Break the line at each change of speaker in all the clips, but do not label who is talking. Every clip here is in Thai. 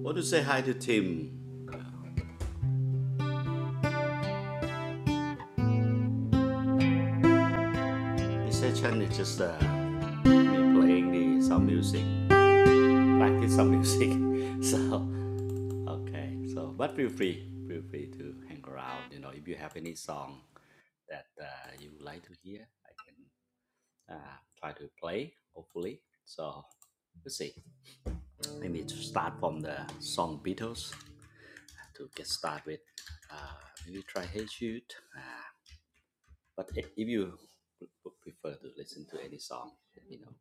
I want to say hi to Tim. This session is just uh, me playing the some music, practice some music. so okay, so but feel free, feel free to hang around. You know, if you have any song that uh, you would like to hear, I can uh, try to play. Hopefully, so we'll see. Maybe to start from the song Beatles to get started with. Uh, maybe try Hey Jude. Uh, But if you prefer to listen to any song, you know.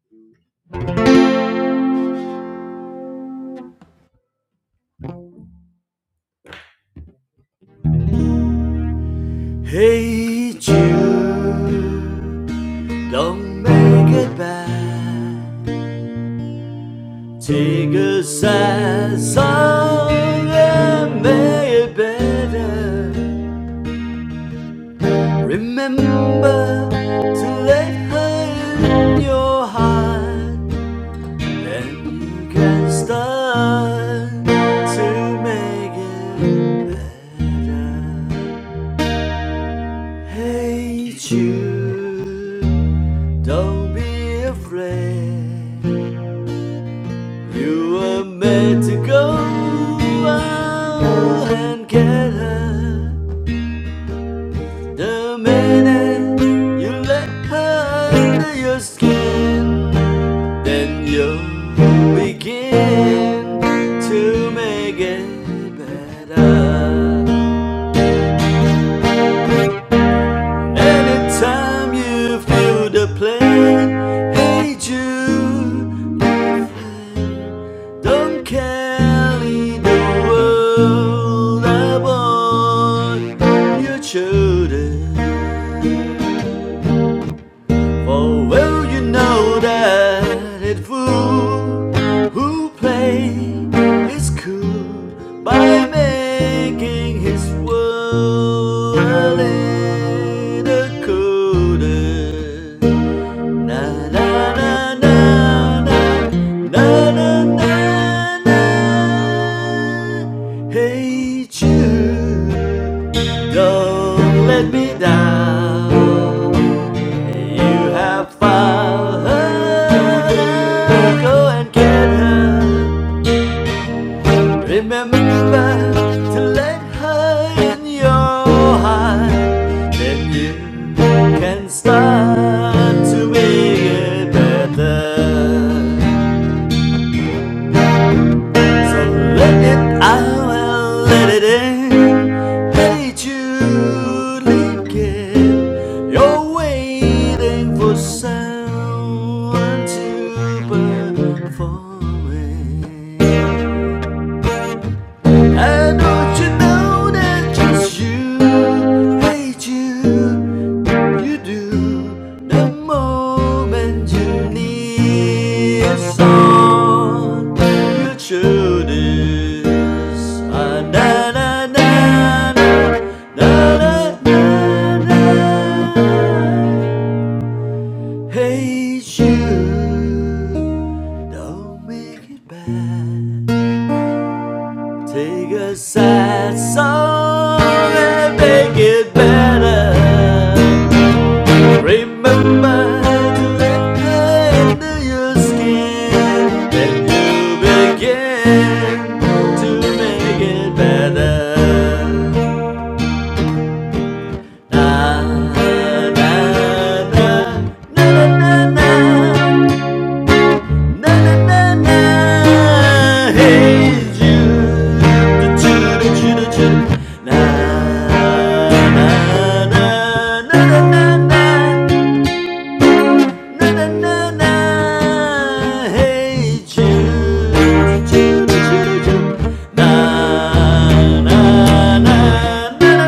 Hey Jude, don't make it bad. Take a sad song and make it better. Remember to let her in your heart, then you can start to make it better. hate you. Don't be afraid. You were made to go out and get her. The minute you let her under your skin, then you begin to make it better. Anytime you feel the pain, hey Jude, don't carry the world upon your shoulders. For well you know that it fool who play is cool by making his world in a coder. Na na na na na na na na na. Hey Jude. Don't let me down. You have found her. Go and get her. Remember never to let her in your heart. Then you can start to make it better. So let it out, let it in. Hey Julie, kid, you're waiting for someone to perform it. And don't you know that just you hate you? You do the moment you need a song. You choose is na na na na na na na. Hate you, don't make it bad. Take a sad song and make it better. Remember to let her into your skin, then you begin to make it better. Na na na na na na na. Na na na na, hey Jude, Jude, Jude, Jude. Na na na na na na na na na na, hey Jude, Jude, Jude, Jude. Na na na na na na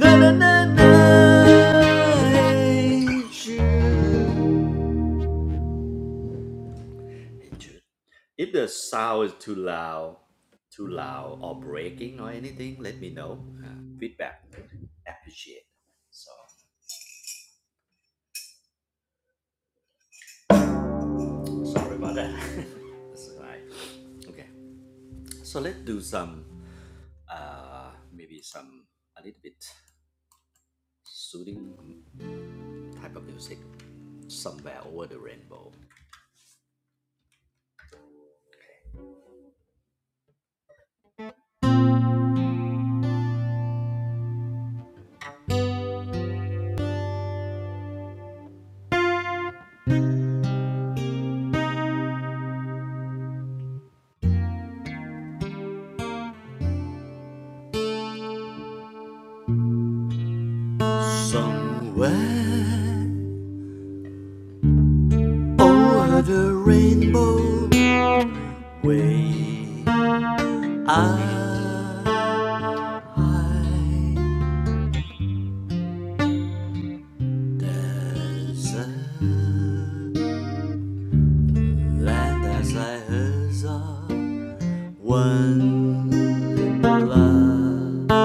na na na na, hey Jude. If the sound is too loud, too loud or breaking or anything, let me know. Uh, feedback, appreciate. So sorry about that. That's all right. Okay, so let's do some, uh, maybe some a little bit soothing type of music. Somewhere over the rainbow. Somewhere over the rainbow, way I I desert, land as I heard one lullaby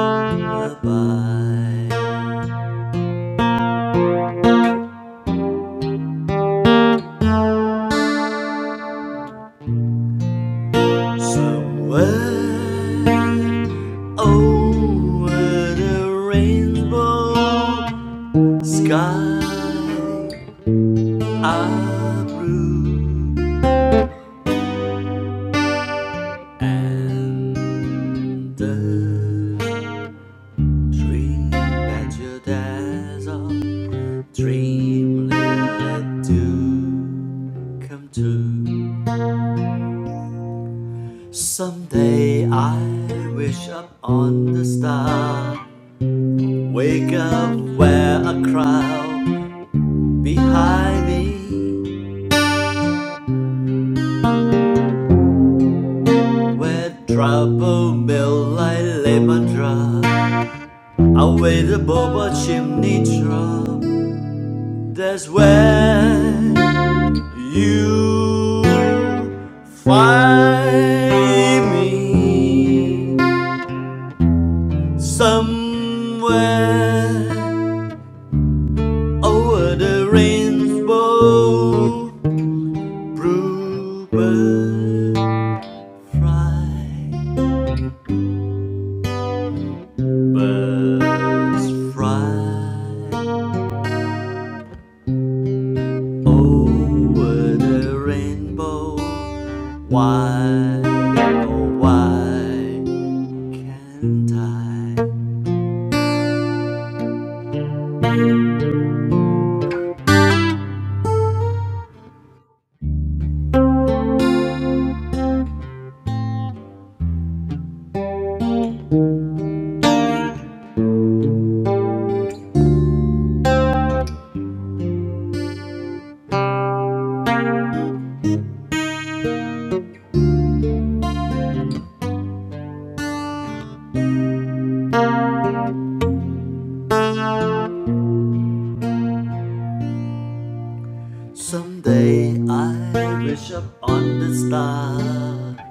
somewhere over the rainbow sky. I blue. And the dream that you dazzle, dream let do come true. Someday I wish up on the star, wake up where a crowd behind me, where trouble melt like lemon drop. away the above chimney drop. That's where you find me somewhere over the rainbow, bluebird fly, birds fly. Over the rainbow, why, oh why can't I? Someday I wish up on the star,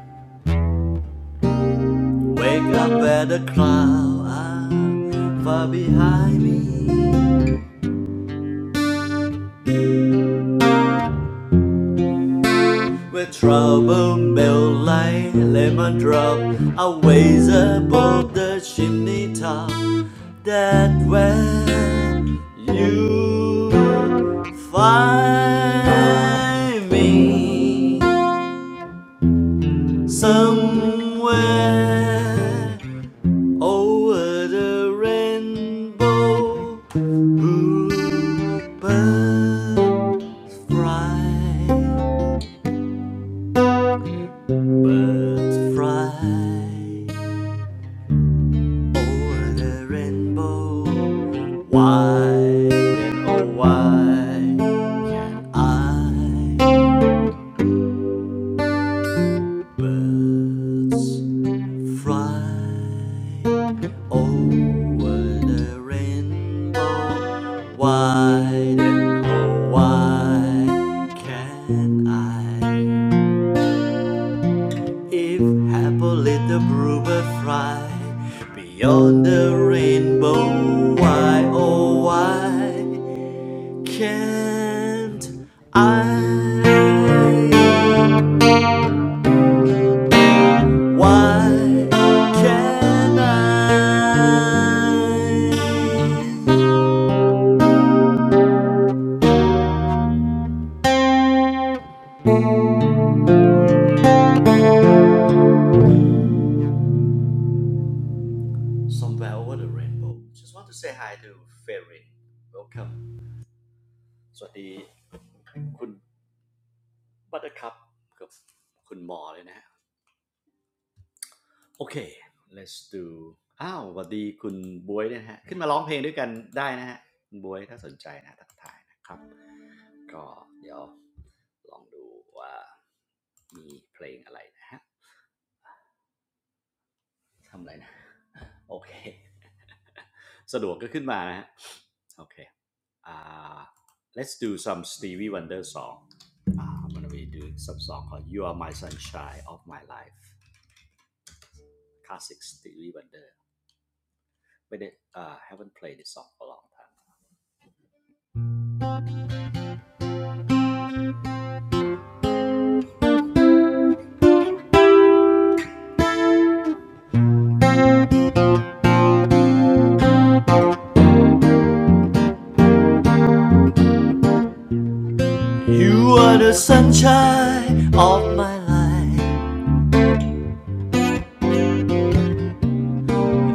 wake up where the clouds are far behind me. With trouble melt like lemon drop, I ways above the chimney top. That when you find me somewhere over the rainbow, bluebird fly, bird fly. Over the rainbow, wide and oh wide, I birds fly. Over the rainbow, wide and oh wide, can I? If happily the bluebird fly beyond the rainbow, why oh why? can't I? Why can't I? Somewhere over the rainbow. Just want to say hi to Fairy. Welcome. สวัสดีคุณบัตเตอร์คัพกับคุณหมอเลยนะฮะ โอเค let's do อ้าวสวัสดีคุณบวยนะฮะ ขึ้นมาร้องเพลงด้วยกันได้นะฮะ คุณบวยถ้าสนใจนะทักทายนะครับ ก็เดี๋ยวลองดูว่ามีเพลงอะไรนะฮะ ทำอะไรนะ โอเค สะดวกก็ขึ้นมานะฮะ โอเคอ่า let's do some Stevie Wonder song อ่า I'm gonna be doing some song called You Are My Sunshine of My Life classic Stevie Wonder ไม่ได้อ่า haven't played this song for a long time You are the sunshine of my life.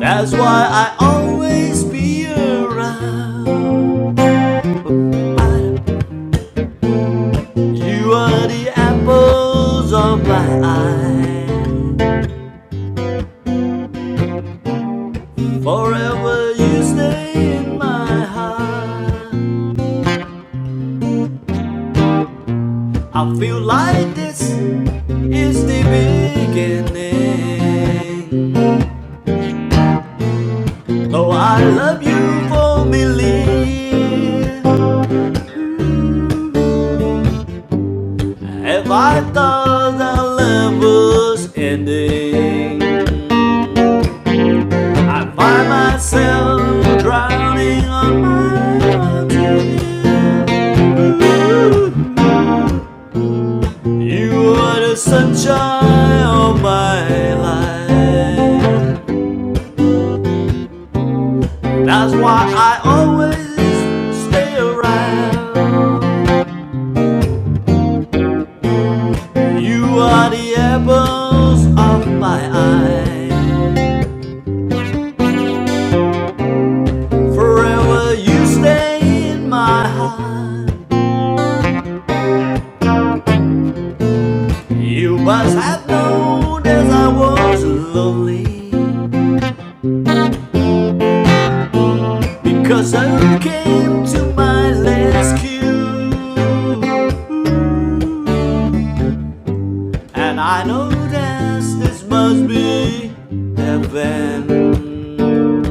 That's why I always be around. You are the apples of my eye. Forever you stay in my heart. I feel like this is the beginning. Though I love you for a million, If I thought that love was ending, I find myself drowning on my own. You are the sunshine of my life. That's why I always stay around. You are the apples of my eye. Forever you stay in my heart. You must have known as I was lonely because you came to my rescue. And I know that this must be heaven.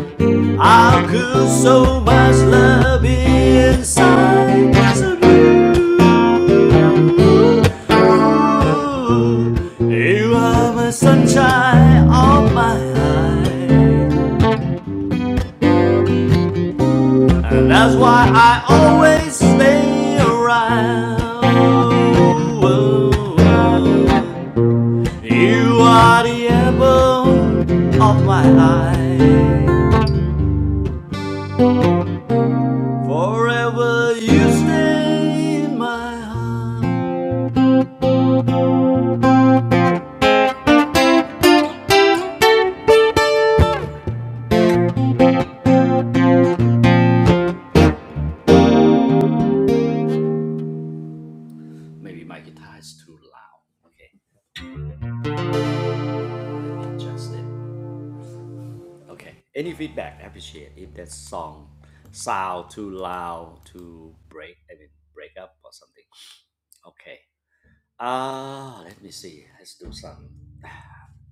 How could so much love be inside so you? You are the sunshine of my eyes, and that's why I always stay around. You are the apple of my eye, forever you stay in my heart. Maybe my guitar is too loud. Okay, adjust it. Okay. Any feedback, I appreciate if that song sound too loud, too break, I mean break up or something. Okay. Uh let me see. Let's do some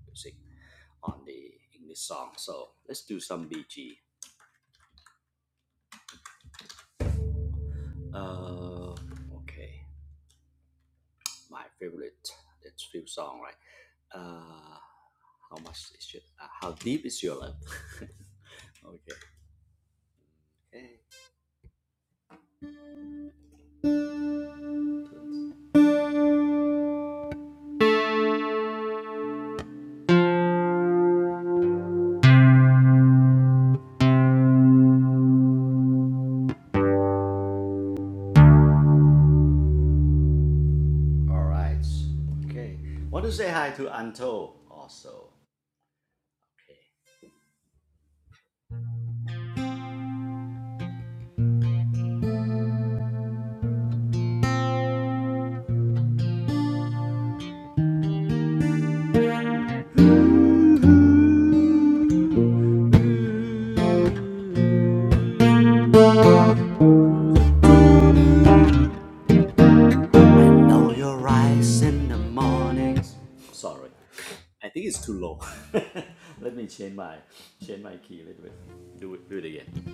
music on the English song. So let's do some BG. Uh, okay. My favorite. That's few song, right? Uh, how much is your? Uh, how deep is your love? okay. okay. All right. Okay. Want to say hi to Anto also. Know your rise in the morning. Sorry, I think it's too low. Let me change my change my key a little bit. Do it do it again.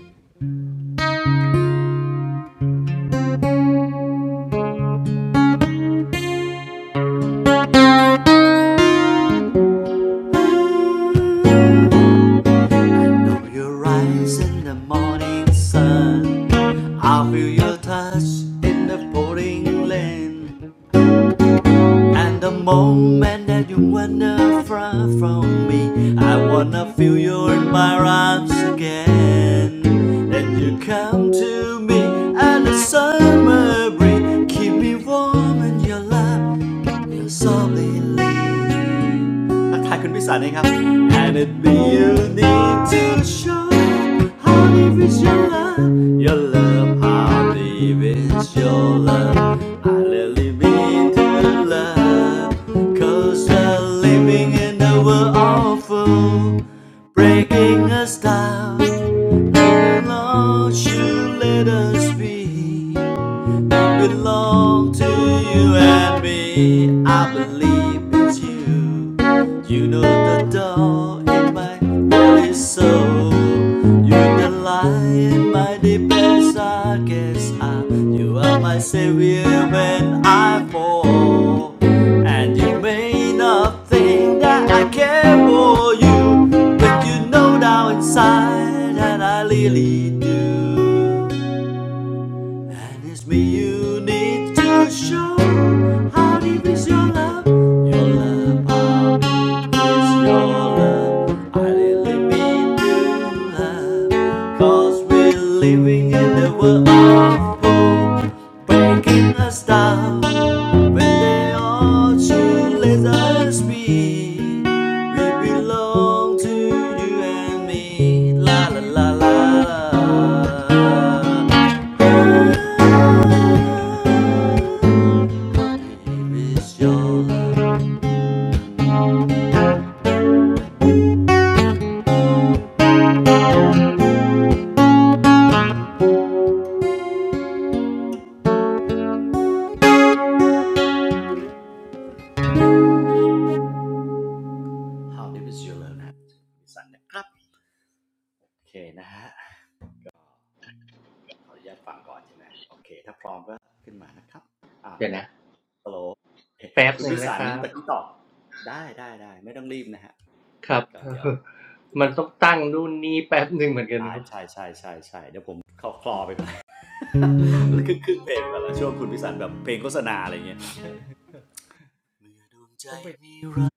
Know your rise in the morning sun. I feel your touch in the pouring rain. And the moment that you wanna fly from me, I wanna feel you in my arms again. Then you come to me, and the summer breeze keep me warm in your love, your softly. leave. ทักทายคุณพิสารเองครับ house. And it be you need to show how deep is your love, your love, how deep is your love. I really mean to love, cause we're living in a world awful, breaking us down. Lord, you let us be belong to you and me. I believe it's you. You know the door in my holy soul. You're the light in my deepest darkest hour. You are my savior when I fall. And you may not think that I care for you, but you know down inside that I really do. And it's me you need to show how deep is your love, your love, how deep is your love. I really mean to love, cause we're living in the world of hope, breaking us down. When they all should let us be, we belong to you and me. La la la la. la. how deep is your love นะครับดิสันนะครับโอเคนะฮะขออนุญาตฟังก่อนใช่ไหมโอเคถ้าพร้อมก็ขึ้นมานะครับอ่าเดี๋
เดี๋
ย
ย
ว
วนะ
ฮัลโหล
แป๊บ
คุ
ห
ณ
นึ่ง
วิ
นะ
สั
ค
น
รับ
ตะกี้ตอบได้ได้ได้ไม่ต้องรีบนะฮะ
ครับ
ก็เดี๋ ยวคุ
มัน
ย
ต้
ก่
อ
อ
ง
น
ตั้งนู่นนี่แป๊บหนึ่งเหมือนกัน
ได้
นะครับ
ใช่ใช่ใช่ใช่เดี๋ยวผมเข้าคลอไปก่อนขึ้นขึ้นเพลงก่อนละช่วงคุณวิสันแบบเพลงโฆษณาอะไรเงี้ยเมื่อดวงใจ
ต้องไป
มีรัก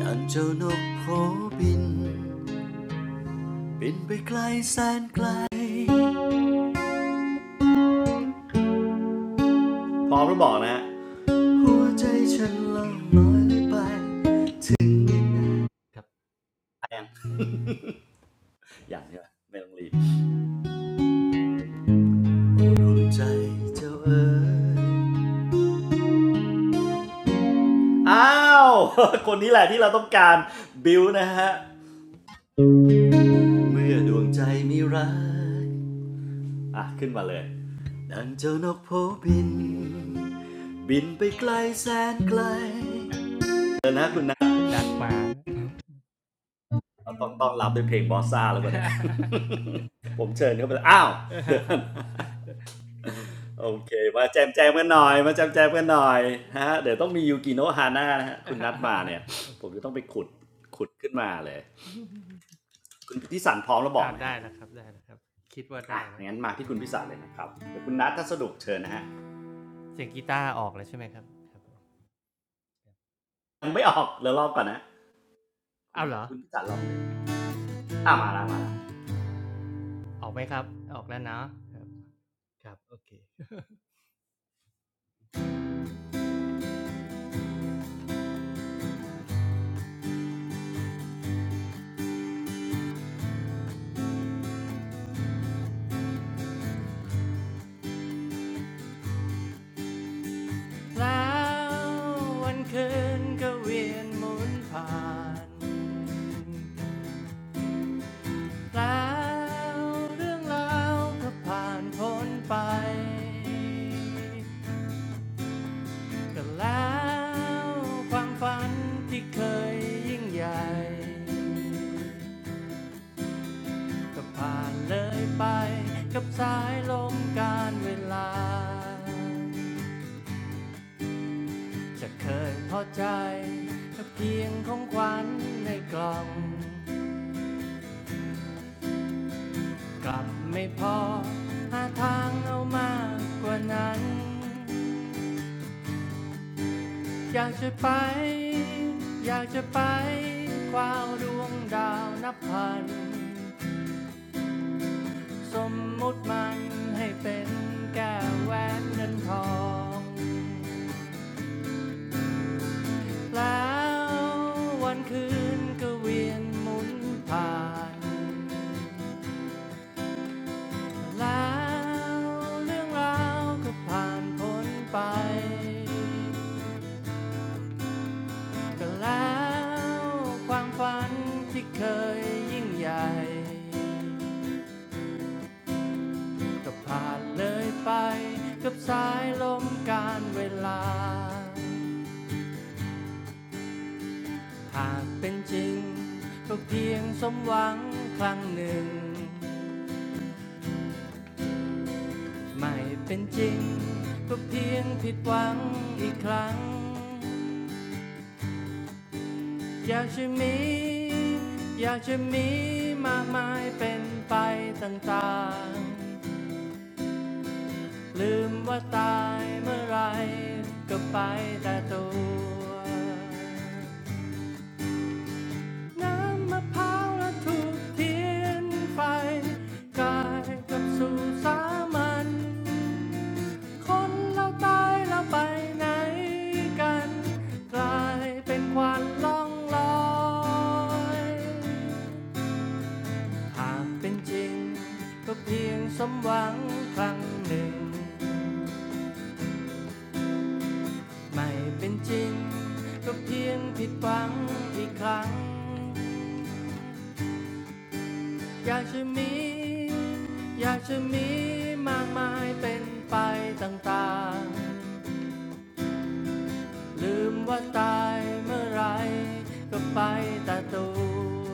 ดังเจ้านกโผบิน บินไปไกลแสนไกลพร้อมแล้วบอกนะหัวใจฉันละน้อยเลยไปอย่างเนี้ไม่ต้องรีบดวงใจเจ้าเอ๋ยอ้าวคนนี้แหละที่เราต้องการบิวนะฮะเมื่อดวงใจมีรักอ่ะขึ้นมาเลยดังเจ้านกโพบินบินไปไกลแสนไกลเออนะคุณนะ
คุณนัดมา
ต้องต้องรับด้วยเพลงบอสซ่าแล้วปะเนี่ยผมเชิญเขาไปอ้าวเดิน โอเคมาแจมแจมกันหน่อยมาแจมแจมกันหน่อยฮะเดี๋ยวต้องมียูกิโนะฮาน่านะฮะคุณนัดมาเนี่ยผมจะต้องไปขุดขุดขึ้นมาเลยคุณพิสันพร้อมแล้วบอ
อ้า
ก
ว
นะ
ได้
ฮะ
นะครับได้นะครับคิดว่า
อ่ะ
ได้แล้ว
งั้นมาที่คุณพิสันเลยนะครับเดี๋ยวคุณนัดถ้าสะดวกเชิญนะฮะ
เสียงกีตาร์ออกแล้วใช่ไหมครับครับ
ยังไม่ออกเดี๋ยวรอก่อนนะคุณ
อ้าวเหรอ
คุณพิสันลองเลยอ่ะมาละมาละ
ออกไหมครับออกแล้วเนาะครับครับโอเค แล้ววันคืนก็เวียนหมุนผ่าน แล้วเรื่องราวก็ผ่านพ้นไปก็แล้วความฝันที่เคยยิ่งใหญ่ ก็ผ่านเลยไปกับสายลมการเวลา จะเคยพอใจกับเพียงของขวัญในกล่อง กลับไม่พอหาทางเอามากกว่านั้น อยากจะไปอยากจะไปคว้าวดวงดาวนับพันสมมุติมันให้เป็นแก้วแหวนเงินทองแล้ววันคืนก็เวียนหมุนผ่านแล้วเรื่องราวก็ผ่านพ้นไปก็แล้วความฝันที่เคยยิ่งใหญ่ ก็ผ่านเลยไปกับสายลมการเวลา หากเป็นจริงก็เพียงสมหวังครั้งหนึ่ง ไม่เป็นจริงก็เพียงผิดหวังอีกครั้ง อยากจะมีอยากจะมีมากมายเป็นไปต่างๆลืมว่าตายเมื่อไรก็ไปแต่ตัว น้ำมะพร้าวและถูกเทียนไฟกลายกับสู่สามัญคนเราตายแล้วไปไหนกันกลายเป็นควันล่องลอย หากเป็นจริงก็เพียงสมหวังครั้งหนึ่งไม่เป็นจริงก็เพียงผิดหวังอีกครั้ง อยากจะมีอยากจะมีมากมายเป็นไปต่างๆ ลืมว่าตายเมื่อไรก็ไปแต่ตัว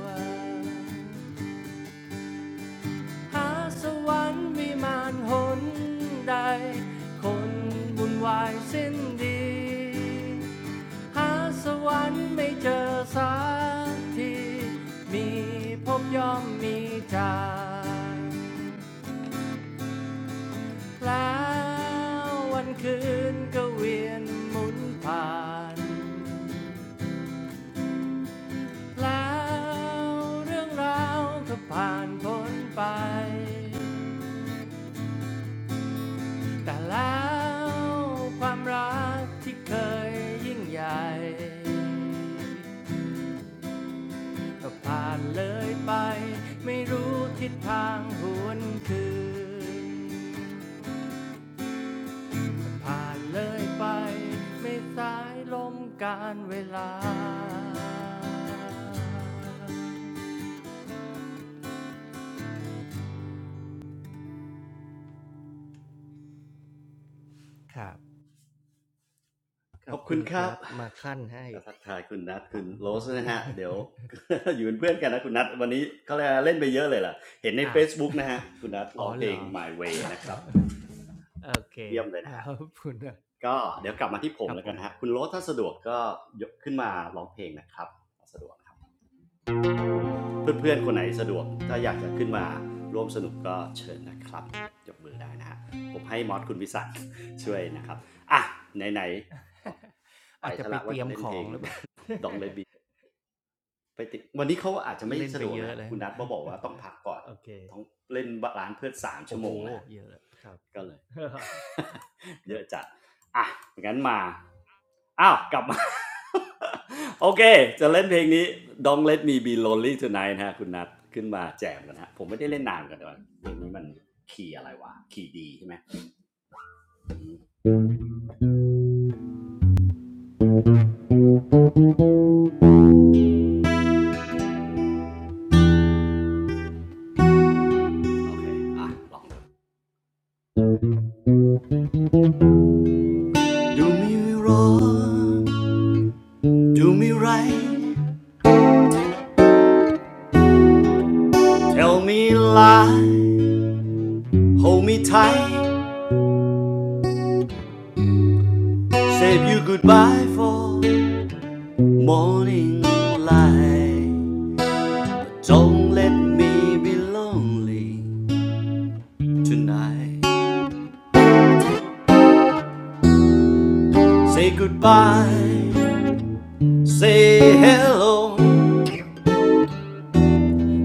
หาสวรรค์วิมานหนใดคนบุญวายสิ้นดี หาสวรรค์ไม่เจอสักทีมีพบย่อมมีจาก แล้ววันคืนก็เวียนหมุนผ่านแล้วเรื่องราวก็ผ่านพ้นไปแต่แล้วความรักที่เคยยิ่งใหญ่ก็ผ่านเลยไปไม่รู้ทิศทางหวนคืน ผ่านเลยไปไม่สายลมการเวลาครับข
ข
อ
อ
บ
บคุ
คุ
ณ
ณ
ค
ค
รับ
รับมาขั้นให้
จะทักทายคุณนัดคุณโรสนะฮะเดี๋ยว อยู่เป็นเพื่อนกันนะคุณนัดวันนี้เขาเลย่เล่นไปเยอะเลยล่ะเห็นใน
อ้าว
Facebook นะฮะคุณนัท ร้
อ๋
อ
อ
งเพล
เหร
ง
อ
My Way นะครับ
โอเค
เยี่ยมเลย
ค
นะ
รับ
ฮะ
ขอบคุณนะ
ก็เดี๋ยวกลับมาที่ผ
ค
ม
รับ
แล้ว
ผ
กัน
ม
นะฮะคุณโรสถ้าสะดวกก็ยกขึ้น
ค
มา
รับ
ร้องเพลงนะครับสะดวกครับเพื่อนๆคนไหนสะดวกถ้าอยากจะขึ้นมาร่วมสนุกก็เชิญนะครับยกมือได้นะฮะผมให้มอสคุณวิสัทช่วยนะครับอ่ะไหนๆอ๋อ ไป
อาจจะ
ซะ
ไป
ละ
เต
ว่า
รีย
จะ
ม
เล่น
ข
เพ
อ
ล
ง
ง
หรือเปล่า
ดองเลนบีไปติดวันนี้เขาอาจจะไม่
เล่น
สะ
ไป
ดวก
เย
นะ
อะ
ฮะ
แล้
คุ
ว
ณนัทบอกว่าต้องพักก่อน
โอเค
ต้องเล่นร้านเพื่อนสามชั่
โอ้
ว
โห
โมงนะฮะ
เยอะแล้วครับค
ก็
รั
เล
บ
ย
ค
เย
รับ
อะจัดอ่ะงั้นมา อ้าว กลับมา โอเค จะเล่นเพลงนี้ Don't Let Me Be Lonely Tonight นะฮะคุณนัทขึ้นมาแจมกันนะฮะ ผมไม่ได้เล่นนานกันแต่ว่าเพลงนี้มันคีย์อะไรวะคีย์ดีใช่ไหม โอเค อ่ะ ลองดู Do me wrong Do me right Tell me lie Hold me tight Save you goodbye for morning light Don't let me be lonely tonight. Say goodbye, say hello.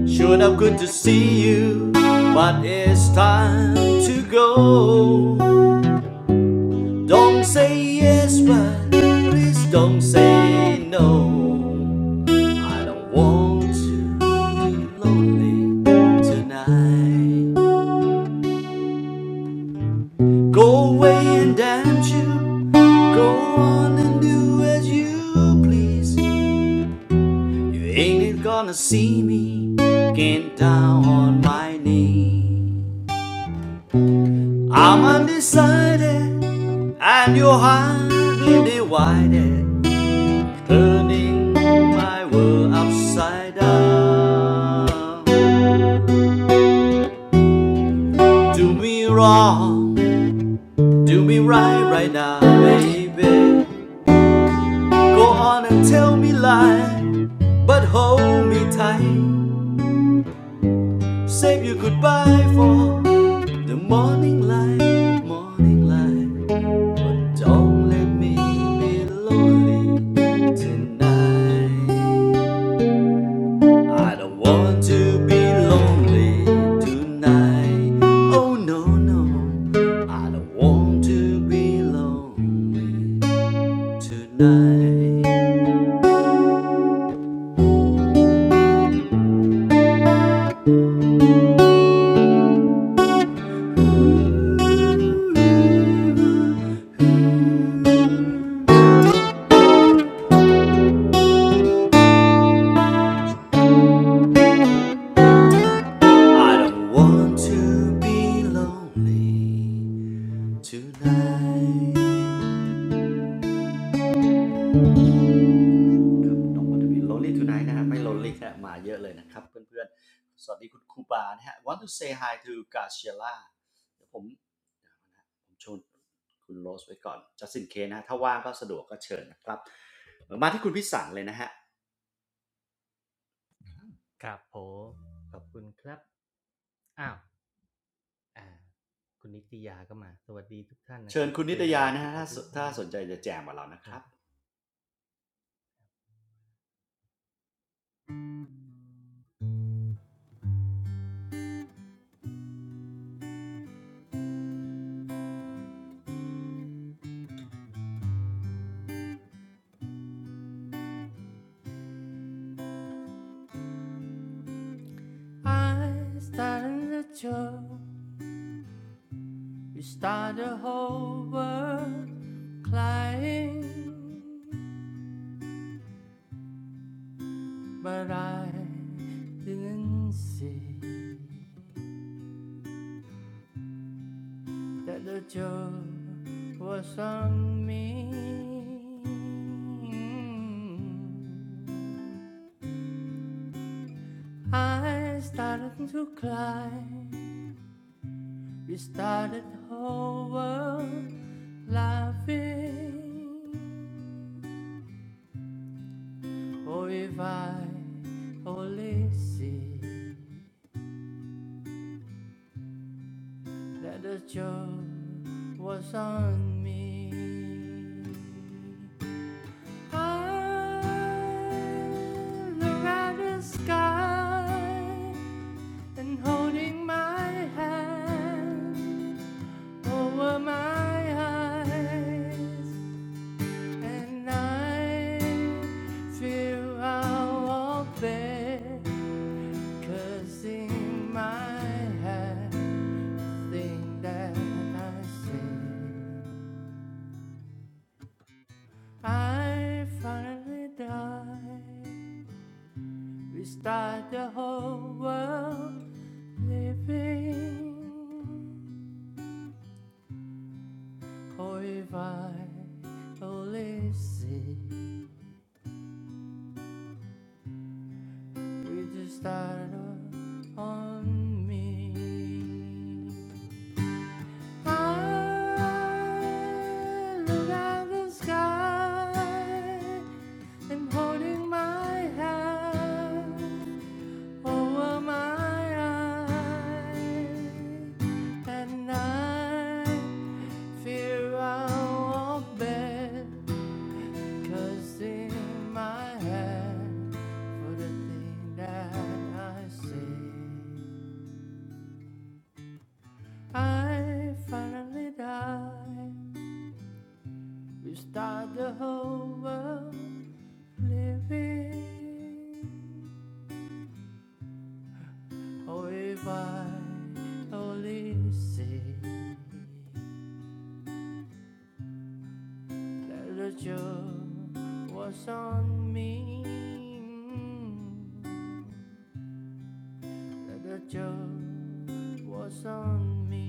Sure enough, good to see you, but it's time to go. Don't say yes, but please don't say no. I don't want to be lonely tonight. Go away and dance you. Go on and do as you please. You ain't gonna see me. Get down on my knees. I'm undecided, and you're hardly divided. Turning my world upside down. Do me wrong, do me right right now, baby. Go on and tell me lie, but hold me tight. Save you goodbye for the morning light, morning light. But don't let me be lonely tonight. I don't want to be lonely tonight. Oh no no, I don't want to be lonely tonight. I don't want to be lonely tonight ครับน้องวันจะ lonely tonight นะไม่ lonely ฮะมาเยอะเลยนะครับเพื่อนๆสวัสดีคุณครูบานะฮะ want to say hi to Graciela เดี๋ยวผมช่ยวผมชวนคุณโรสไว้ก่อน just in case นะถ้าว่างก็สะดวกก็เชิญนะครับ มาที่คุณพิสันเลยนะฮะ
ครับผมขอบคุณครับ อ้าวอ่าคุณนิตยาก็มา สวัสดีทุกท่านนะค
เชิ
รั
ญ
บ
คุณนิ
Say
ตยา
hello
นะ
to
ฮะถ้าถ้า
everyone
สนใจจะแจมกับเรานะ
ค
ค
รั
รั
บ
บ
I started a joke, you start e d the whole world crying, but I didn't see that the joke was on me. I started to cry. We started over laughing. Oh, if I only see that the joke was on me. I look at the sky and holding my hand. over my eyes, and I feel I'll walk there, 'cause in my head, thing that I see, I finally die. Restart the whole world living, or if I only see. We just started up on me. I look at the sky and holding my hand over my eyes, and I fear I'll bed. Cause in my hand for the thing that I say, I finally die. We start the whole world living. Oh, if I only see that the joke was on me. that the joke was on me.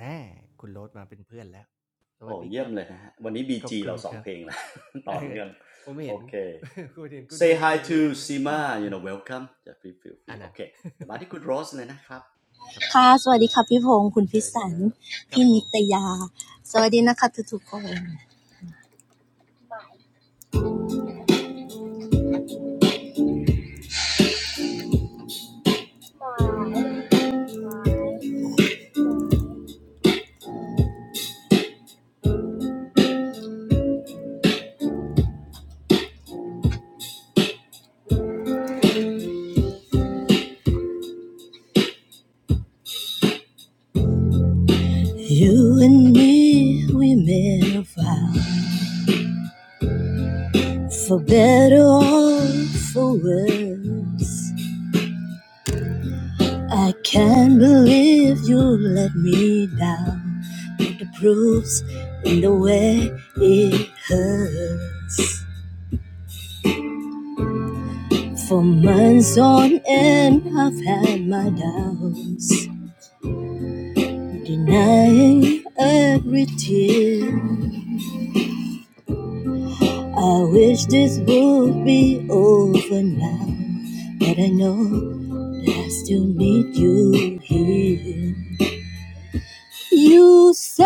h แน่คุณโรสมาเป็นเพื่อนแล้วส
โอ้
วัสดี
เยี่
ค
ยม
รับ
เลยนะฮะวันนี้บี
ขอบ
จี
คุ
เรา
ณ
สอ
ค
ง
รับ
เพลงละ ต่อเนื่อง
ผม
โอ
เห็น
เค
คุณเห็นคุณเท
say
พพ
hi
งษ์
to
เล่น
Sima
อ
you know welcome จะฟ e e ฟ f e
ัน
โอ
นั้น
เคเดี๋ยวมาที่คุ ณโรสเลยนะครับ
ครับ
ค่ะ
เชิญครับครับผม
You and me we made a vow for better or for worse I can't believe you let me down The proofs in the way it hurts For months on end I've had my doubts Denying every tear I wish this would be over now, but I know that I still need you here. You say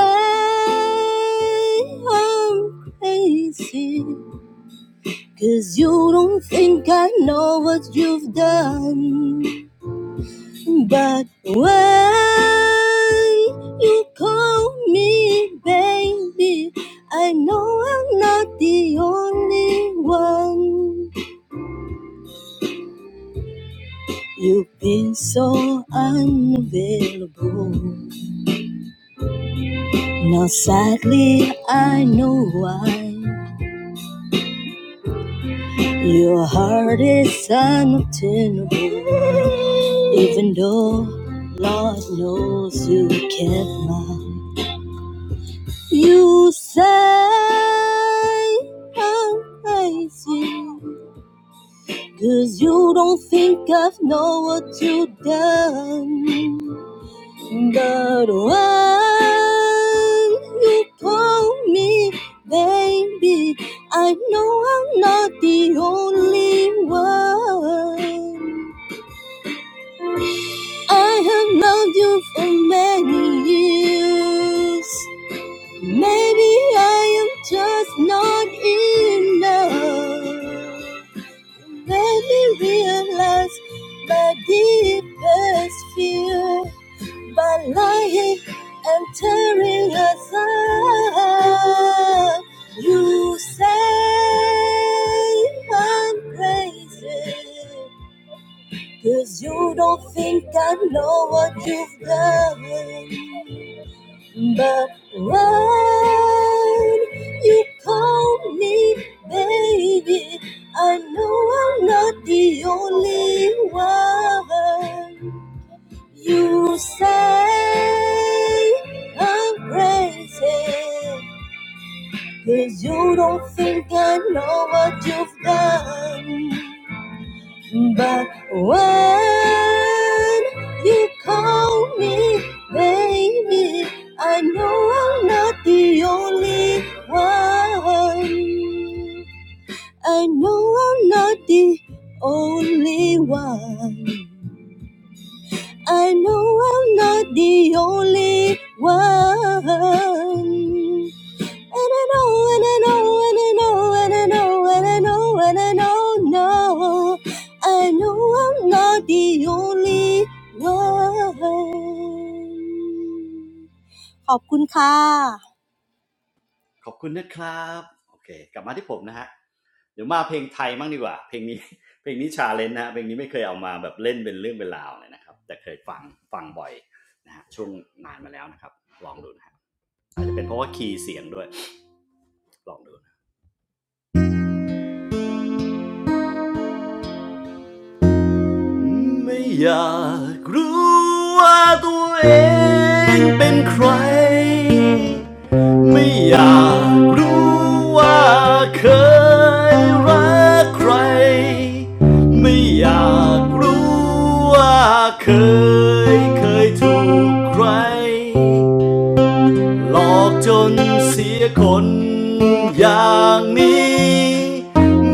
I'm crazy, cause you don't think I know what you've done. But when you call me baby, I know I'm not the only one. You've been so unavailable. Now, sadly, I know why. Your heart is unobtainable. Even though Lord knows you kept mine. You say I'm crazy, 'cause you don't think I've known what you've done. The one who told me, baby, I know I'm not the only one. I have loved you for many years. Maybe I am just not enough. Let me realize my deepest fear. by lying and tearing us up. You say I'm crazy, cause you don't think I know what you've done. But when you call me baby, I know I'm not the only one. You say I'm crazy Cause you don't think I know what you've done But when you call me baby I know I'm not the only one I know I'm not the only one I know I'm not the only one. And I know, and I know, and I know, and I know, and I know, and I know, no. I know I'm not the only one. ขอบคุณค่ะ
ขอบคุณนะครับโอเคกลับมาที่ผมนะฮะเดี๋ยวมาเพลงไทยมัางดีกว่าเพลงนี้ เพลงนี้ชาเลนจ์นะะเพลงนี้ไม่เคยเอามาแบบเล่นเป็นเรื่องเป็นราวเลยนะครับแต่เคยฟังฟังบ่อยนะฮะช่วงนานมาแล้วนะครับลองดูนะฮะอาจจะเป็นเพราะว่าคีย์เสียงด้วยลองดู ไม่อยากรู้ว่าตัวเองเป็นใคร ไม่อยากรู้ว่าเคยรักใคร ไม่อยากรู้ว่าเคยเคยถูกใคร หลอกจนเสียคนอย่างนี้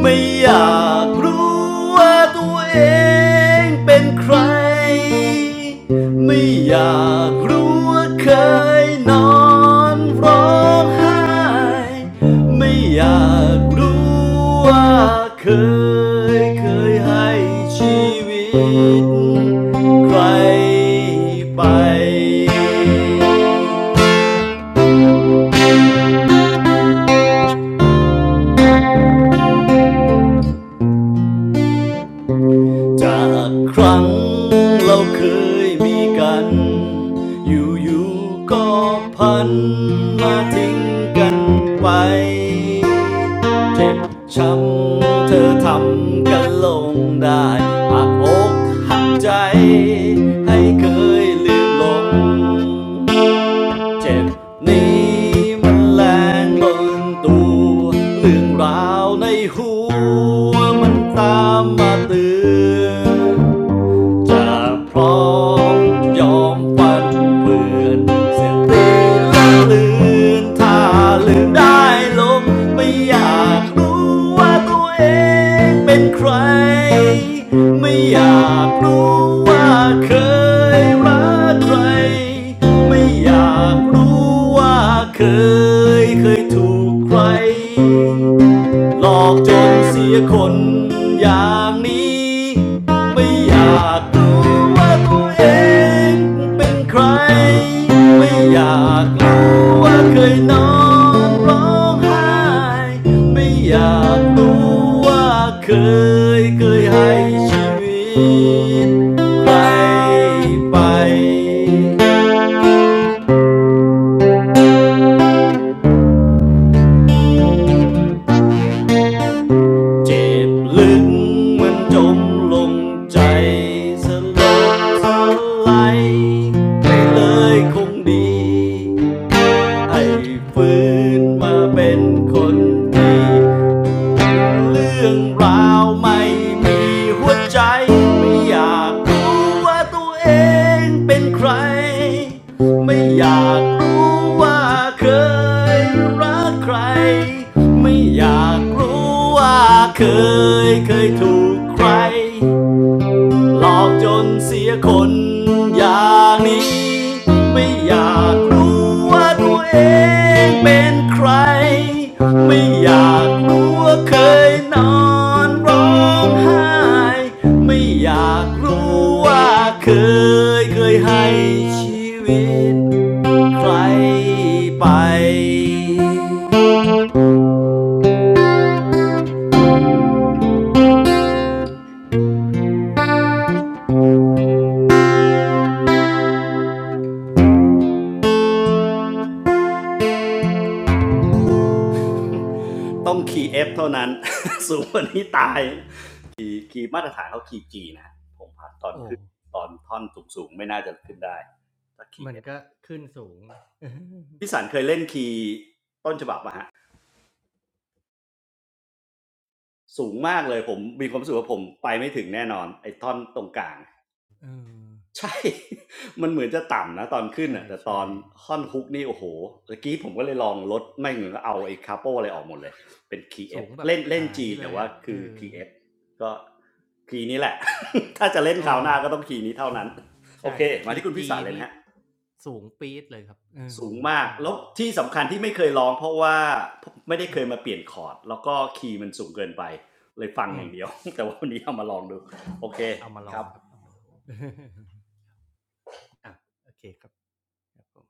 ไม่อยากรู้ว่าตัวเองเป็นใครไม่อยากรู้ว่าเคยนอนร้องไห้ไม่อยากรู้ว่าเคยเคยให้ชีวิตใครไป จากครั้งเราเคยมีกัน อยู่ๆก็พันมาทิ้งกันไปเจ็บช้ำเธอทำกันลงได้หักอกหักใจให้เคยลืมลง เจ็บนี้มันแรงเบินตัวเรื่องราวในหัวมันตามมาเตือน จะพร้อมยอมฟันเปื่อนเสียตีละลืนถ้าลืมได้ลมไม่อยากรู้ว่าตัวเองเป็นใครไม่อยากรู้ว่าเคยรักใครไม่อยากรู้ว่าเคยเคยถูกใคร หลอกจนเสียคนอย่างนี้ไม่อยากรู้ว่าตัวเองเป็นใครไม่อยากรู้ว่าเคยนอนร้องไห้ไม่อยากรู้ว่าเคยเคยให้ชีวิตใครไป เจ็บลึกมันจมลงใจสลบสลายไปเลยคงดีไอ้ฟื้นมาเป็นคนดี เรื่องราวไม่มีหัวใจไม่อยากรู้ว่าตัวเองเป็นใครไม่อยากรู้ว่าเคยรักใครไม่อยากรู้ว่าเคยเคยถูกใคร หลอกจนเสียคนอย่างนี้ไม่อยากรู้ว่าตัวเองเป็นใครไม่อยากรู้ว่าเคยนอนร้องไห้ไม่อยากรู้ว่าเคยเคยให้ชีวิตใครไปต้องขี่เอฟเท่านั้น สูงกว่านี้ตาย คีย์มาตรฐานเขาคีย์จีนะผมผ่านตอน
โอ้
ขึ้นตอนท่อนสูงๆไม่น่าจะขึ้นได้ถ้าคีย์
มั
เอ
นก็ขึ้นสูง
พี่สันเคยเล่นคีย์ต้นฉบับปะฮะสูงมากเลยผมมีความรู้สึกว่าผมไปไม่ถึงแน่นอนไอ้ท่อนตรงกลาง
เออ
ใช่ มันเหมือนจะต่ำนะตอนขึ้น
ใช่
อ่ะแต่ตอนท่อนฮุกนี่โอ้โหเมื่อกี้ผมก็เลยลองลดไม่เหมือนก็เอาไอ้คาโปอะไรออกหมดเลยเป็นคีย์
ๆ
เอ
สู
ฟ
งแบบ
เล่นเล่น
หา
G
ยเล
แต่
ย
ว่า
อะเอ
คือ
อ
คีย์เอฟก็คีย์นี้แหละ ถ้าจะเล่น
เอ
คราว
อ
หน้าก็ต้องคีย์นี้เท่านั้นโอ
ใช่
เคมา
คี
ที่
ย์
คุณ
G
พ่สารเลย
นี่
นะฮะ
สูงปี๊ดเลยครับเออ
สูงมาก
ใช่
แล้วที่สำคัญที่ไม่เคยร้องเพราะว่าไม่ได้
อื
เคย
ม
มาเปลี่ยนคอร์ดแล้วก็คีย์มันสูงเกินไปเลยฟัง
อื
อ
ม
ย่างเดียว แต่ว่าวันนี้เอามาลองดูโอเค
เอามาล
ค
อ
รั
ง
บ
ครับเอามาลอง อาโอเคครับครับผม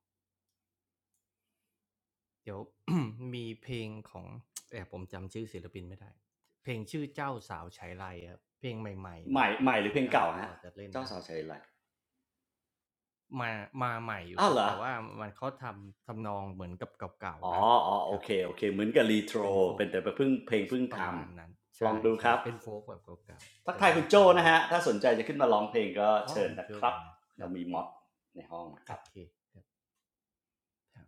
เดี๋ยว มีเพลงของแหมผมจำชื่อศิลปินไม่ได้เพลงชื่อเจ้าสาวไฉไลครับเพลงใหม่ๆห
ให
น่อ
ม่
ย
ใหม่หรือ
แต่
เพลง
ก็
เก่า
พอ
ฮะ
จะเล่น
เจ้า
ได้
สาวใช้อะไร
มามาใหม่อยู่
อ้า
ค
ว
รับ
เหรอ
แต่ว่ามันเขาทำทำนองเหมือนกับเก่า
อ๋
ๆ
อ
นะ
อ๋อ
ค
โอ
รับ
เคโอเคเหมือนกับรีโทร
เป็นโฟล์
เป็
ก
นแต่เพิ่งเพลงเพิ่ง
ป
ท
ระมาณนั้น
ำลอ
ใช่
งดูค
ใช่
รับ
เป็นโฟล์กแบบเก่าๆ
ทัก
เดี๋ยว
ทาย
ลอ
คุ
ง
ณโจ
ฟัง
นะ
ดู
ฮะถ้าสนใจจะขึ้นมาร้องเพลงก็
อ๋อ
เชิญ
คุณ
นะ
โจ
ครับ
มาค
เรา
รับ
มีม็อดในห้องนะค
โอ
รับ
เคครับครับ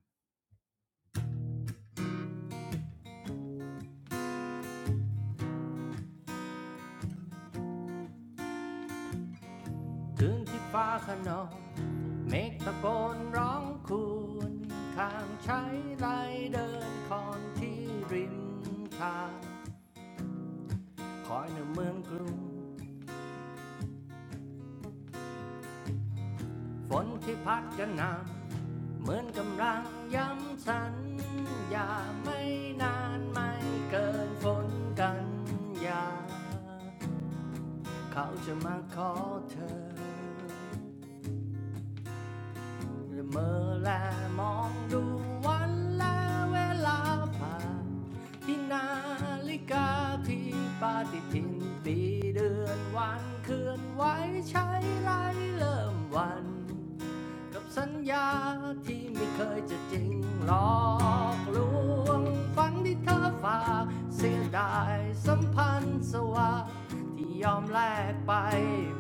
คืนที่ฟ้าขนองเมฆตะโกนร้องคูนข้างใช้ไรเดินคอนที่ริมทางคอยในเมืองกรุง ฝนที่พัดกระหน่ำเหมือนกำลังย้ำสัญญาไม่นานไม่เกินฝนกันยาเขาจะมาขอเธอละเมอแลมองดูวันและเวลาผ่านที่นาฬิกาที่ปฏิทินปีเดือนวันเคลื่อนไหวใช้ไล่เริ่มวัน กับสัญญาที่ไม่เคยจะจริงหลอกลวงฝันที่เธอฝากเสียดายสัมพันธ์สวาที่ยอมแลกไป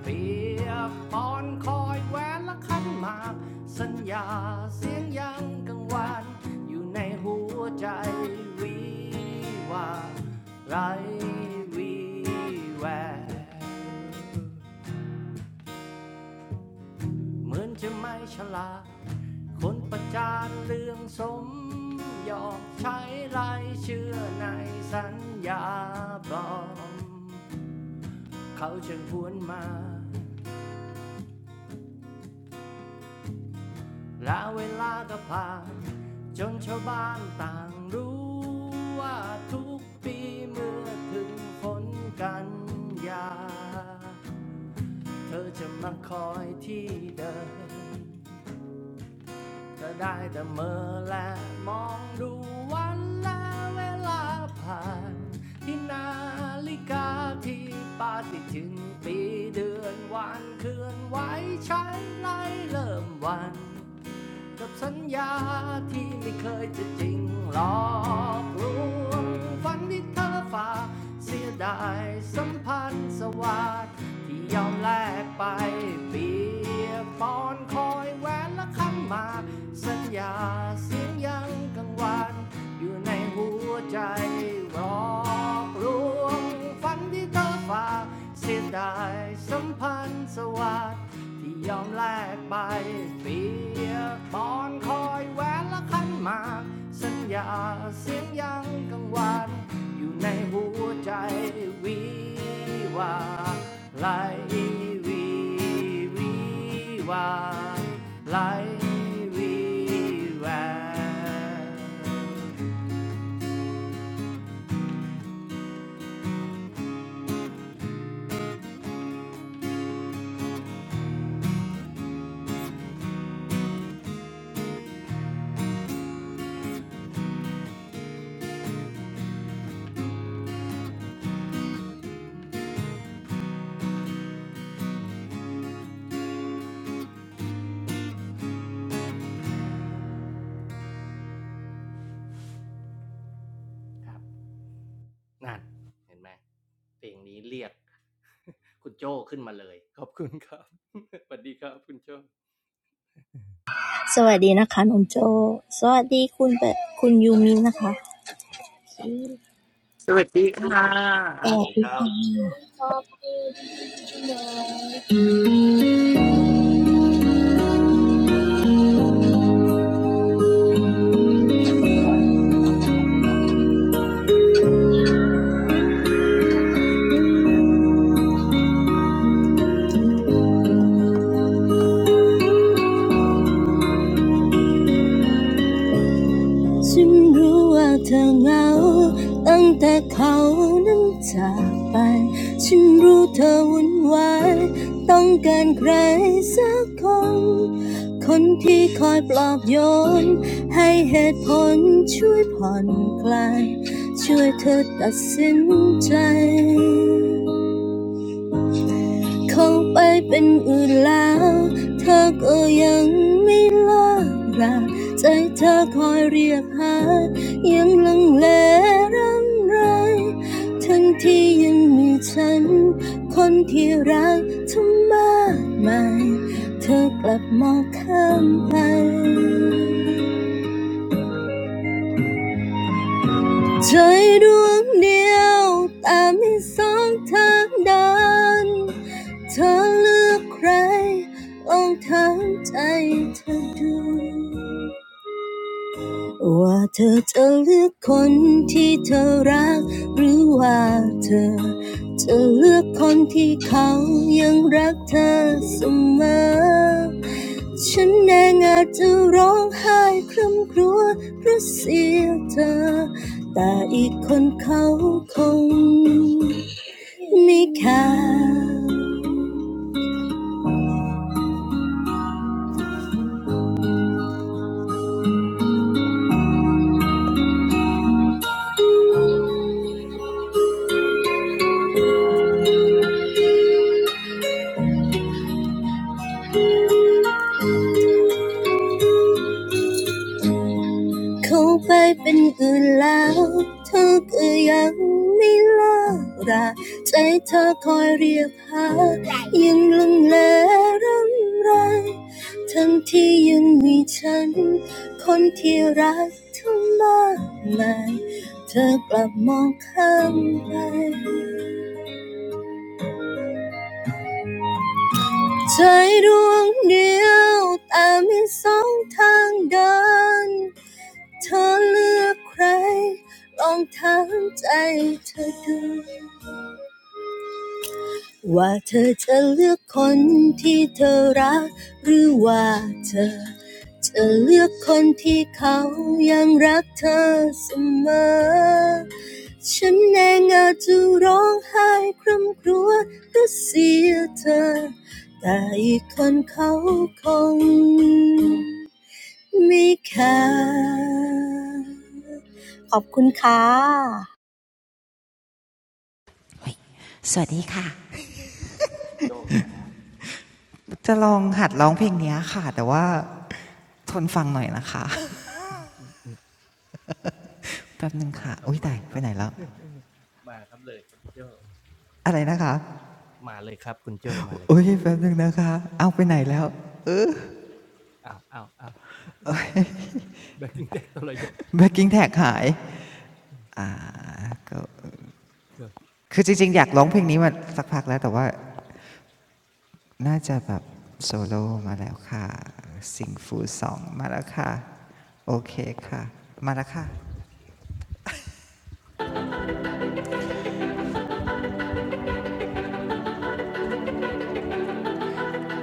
เปรียบปอนคอยแหวนและขันหมากสัญญาเสียงยังกังวานอยู่ในหัวใจวิวาไรวีแววเหมือนจะไม่ฉลาด คนประจานเรื่องสมยอมใช้ไรายชื่อในสัญญาปลอม เขาจึงพวนมาและเวลาก็ผ่านจนชาวบ้านต่างรู้ว่าทุกปีเมื่อถึงฝนกันยาเธอจะมาคอยที่เดิม ก็ได้แต่เมื่อและมองดูวันและเวลาผ่านที่นาฬิกาที่ปาฏิทินปีเดือนวันเคลื่อนไหวใช้ไล่เริ่มวัน กับสัญญาที่ไม่เคยจะจริงหลอกลวงฝันที่เธอฝากเสียดายสัมพันธ์สวัสด์ที่ยอมแลกไปเปียบปอนคอยแหวนและขันหมากสัญญาเสียงยังกังวานอยู่ในหัวใจหลอกลวง ฝันที่เธอฝากเสียดายสัมพันธ์สวัสดิ์ที่ยอมแลกไปเปียกบอนคอยแหวนละคันหมากสัญญาเสียงยังกังวานอยู่ในหัวใจวิวาไหลวีวิวาไหลวีแววค นั่นเห็นไหมเพลงนี้เรียก คุณโจ้ขึ้นมาเลยขอบคุณครับ สวัสดีครับคุณโจ้
สวัสดีนะคะน้องโจสวัสดีคุณเปคุณยูมินะคะ
สวัสดีค่ะ
สวัสดีครับ
ฉันรู้ว่าเธอเหงาตั้งแต่เขานั้นจากไปฉันรู้เธอวุ่นวายต้องการใครสักคน คงไปเป็นอื่นแล้วเธอก็ยังไม่เลิกราใจเธอคอยเรียกหายังลังเลรังไรทั้งที่ยังมีฉันคนที่รักทั้งมากมายเธอกลับมองข้ามไป trời đuông điệu tám mươi sóng tháng đón เธอเลือกใครลองถามใจเธอดู ว่าเธอจะเลือกคนที่เธอรักหรือว่าเธอจะเลือกคนที่เขายังรักเธอเสมอ คงไปเป็นอื่นแล้วเธอก็ยังไม่เลิกราใจเธอคอยเรียกหายังลงเลรำไรทั้งที่ยังมีฉันคนที่รักเธอมากมายเธอกลับมองข้ามไปใจดวงเดียวแต่มีสองทางเดิน เธอเลือกใคร ไม่ค่ะขอบคุณค่ะ
สวัสดีค่ะ
คุณโจเลยนะฮะ
จะลองหัดร้องเพลงนี้ยค่ะแต่ว่าทนฟังหน่อยนะคะแป๊บนึง
มา
ค่ะ
ครับ
อุ้ย
มา
ตาย
ค
ไป
รับ
ไหนแล้ว
มาครับเลยครับโจ้
อะไรนะคะ
มาเลยครับคุณโจ้มาเลยค
อุ้ย
รับ
แป๊บนึงนะคะเอาไปไหนแล้ว
อ้าวอ้าวอ้าวแบกกิ้งแท็กตระยศ
แบ็กกิ้งแท็กหายก็
ครับ
คือจริงๆอยากร้องเพลงนี้มาสักพักแล้วแต่ว่าน่าจะแบบโซโล่มาแล้วค่ะซิงฟูสองมาแล้วค่ะโอ
มา
เค
เลยครับ
ค่ะมาแล้วค่ะ
อ่าโอเคเชิญครับ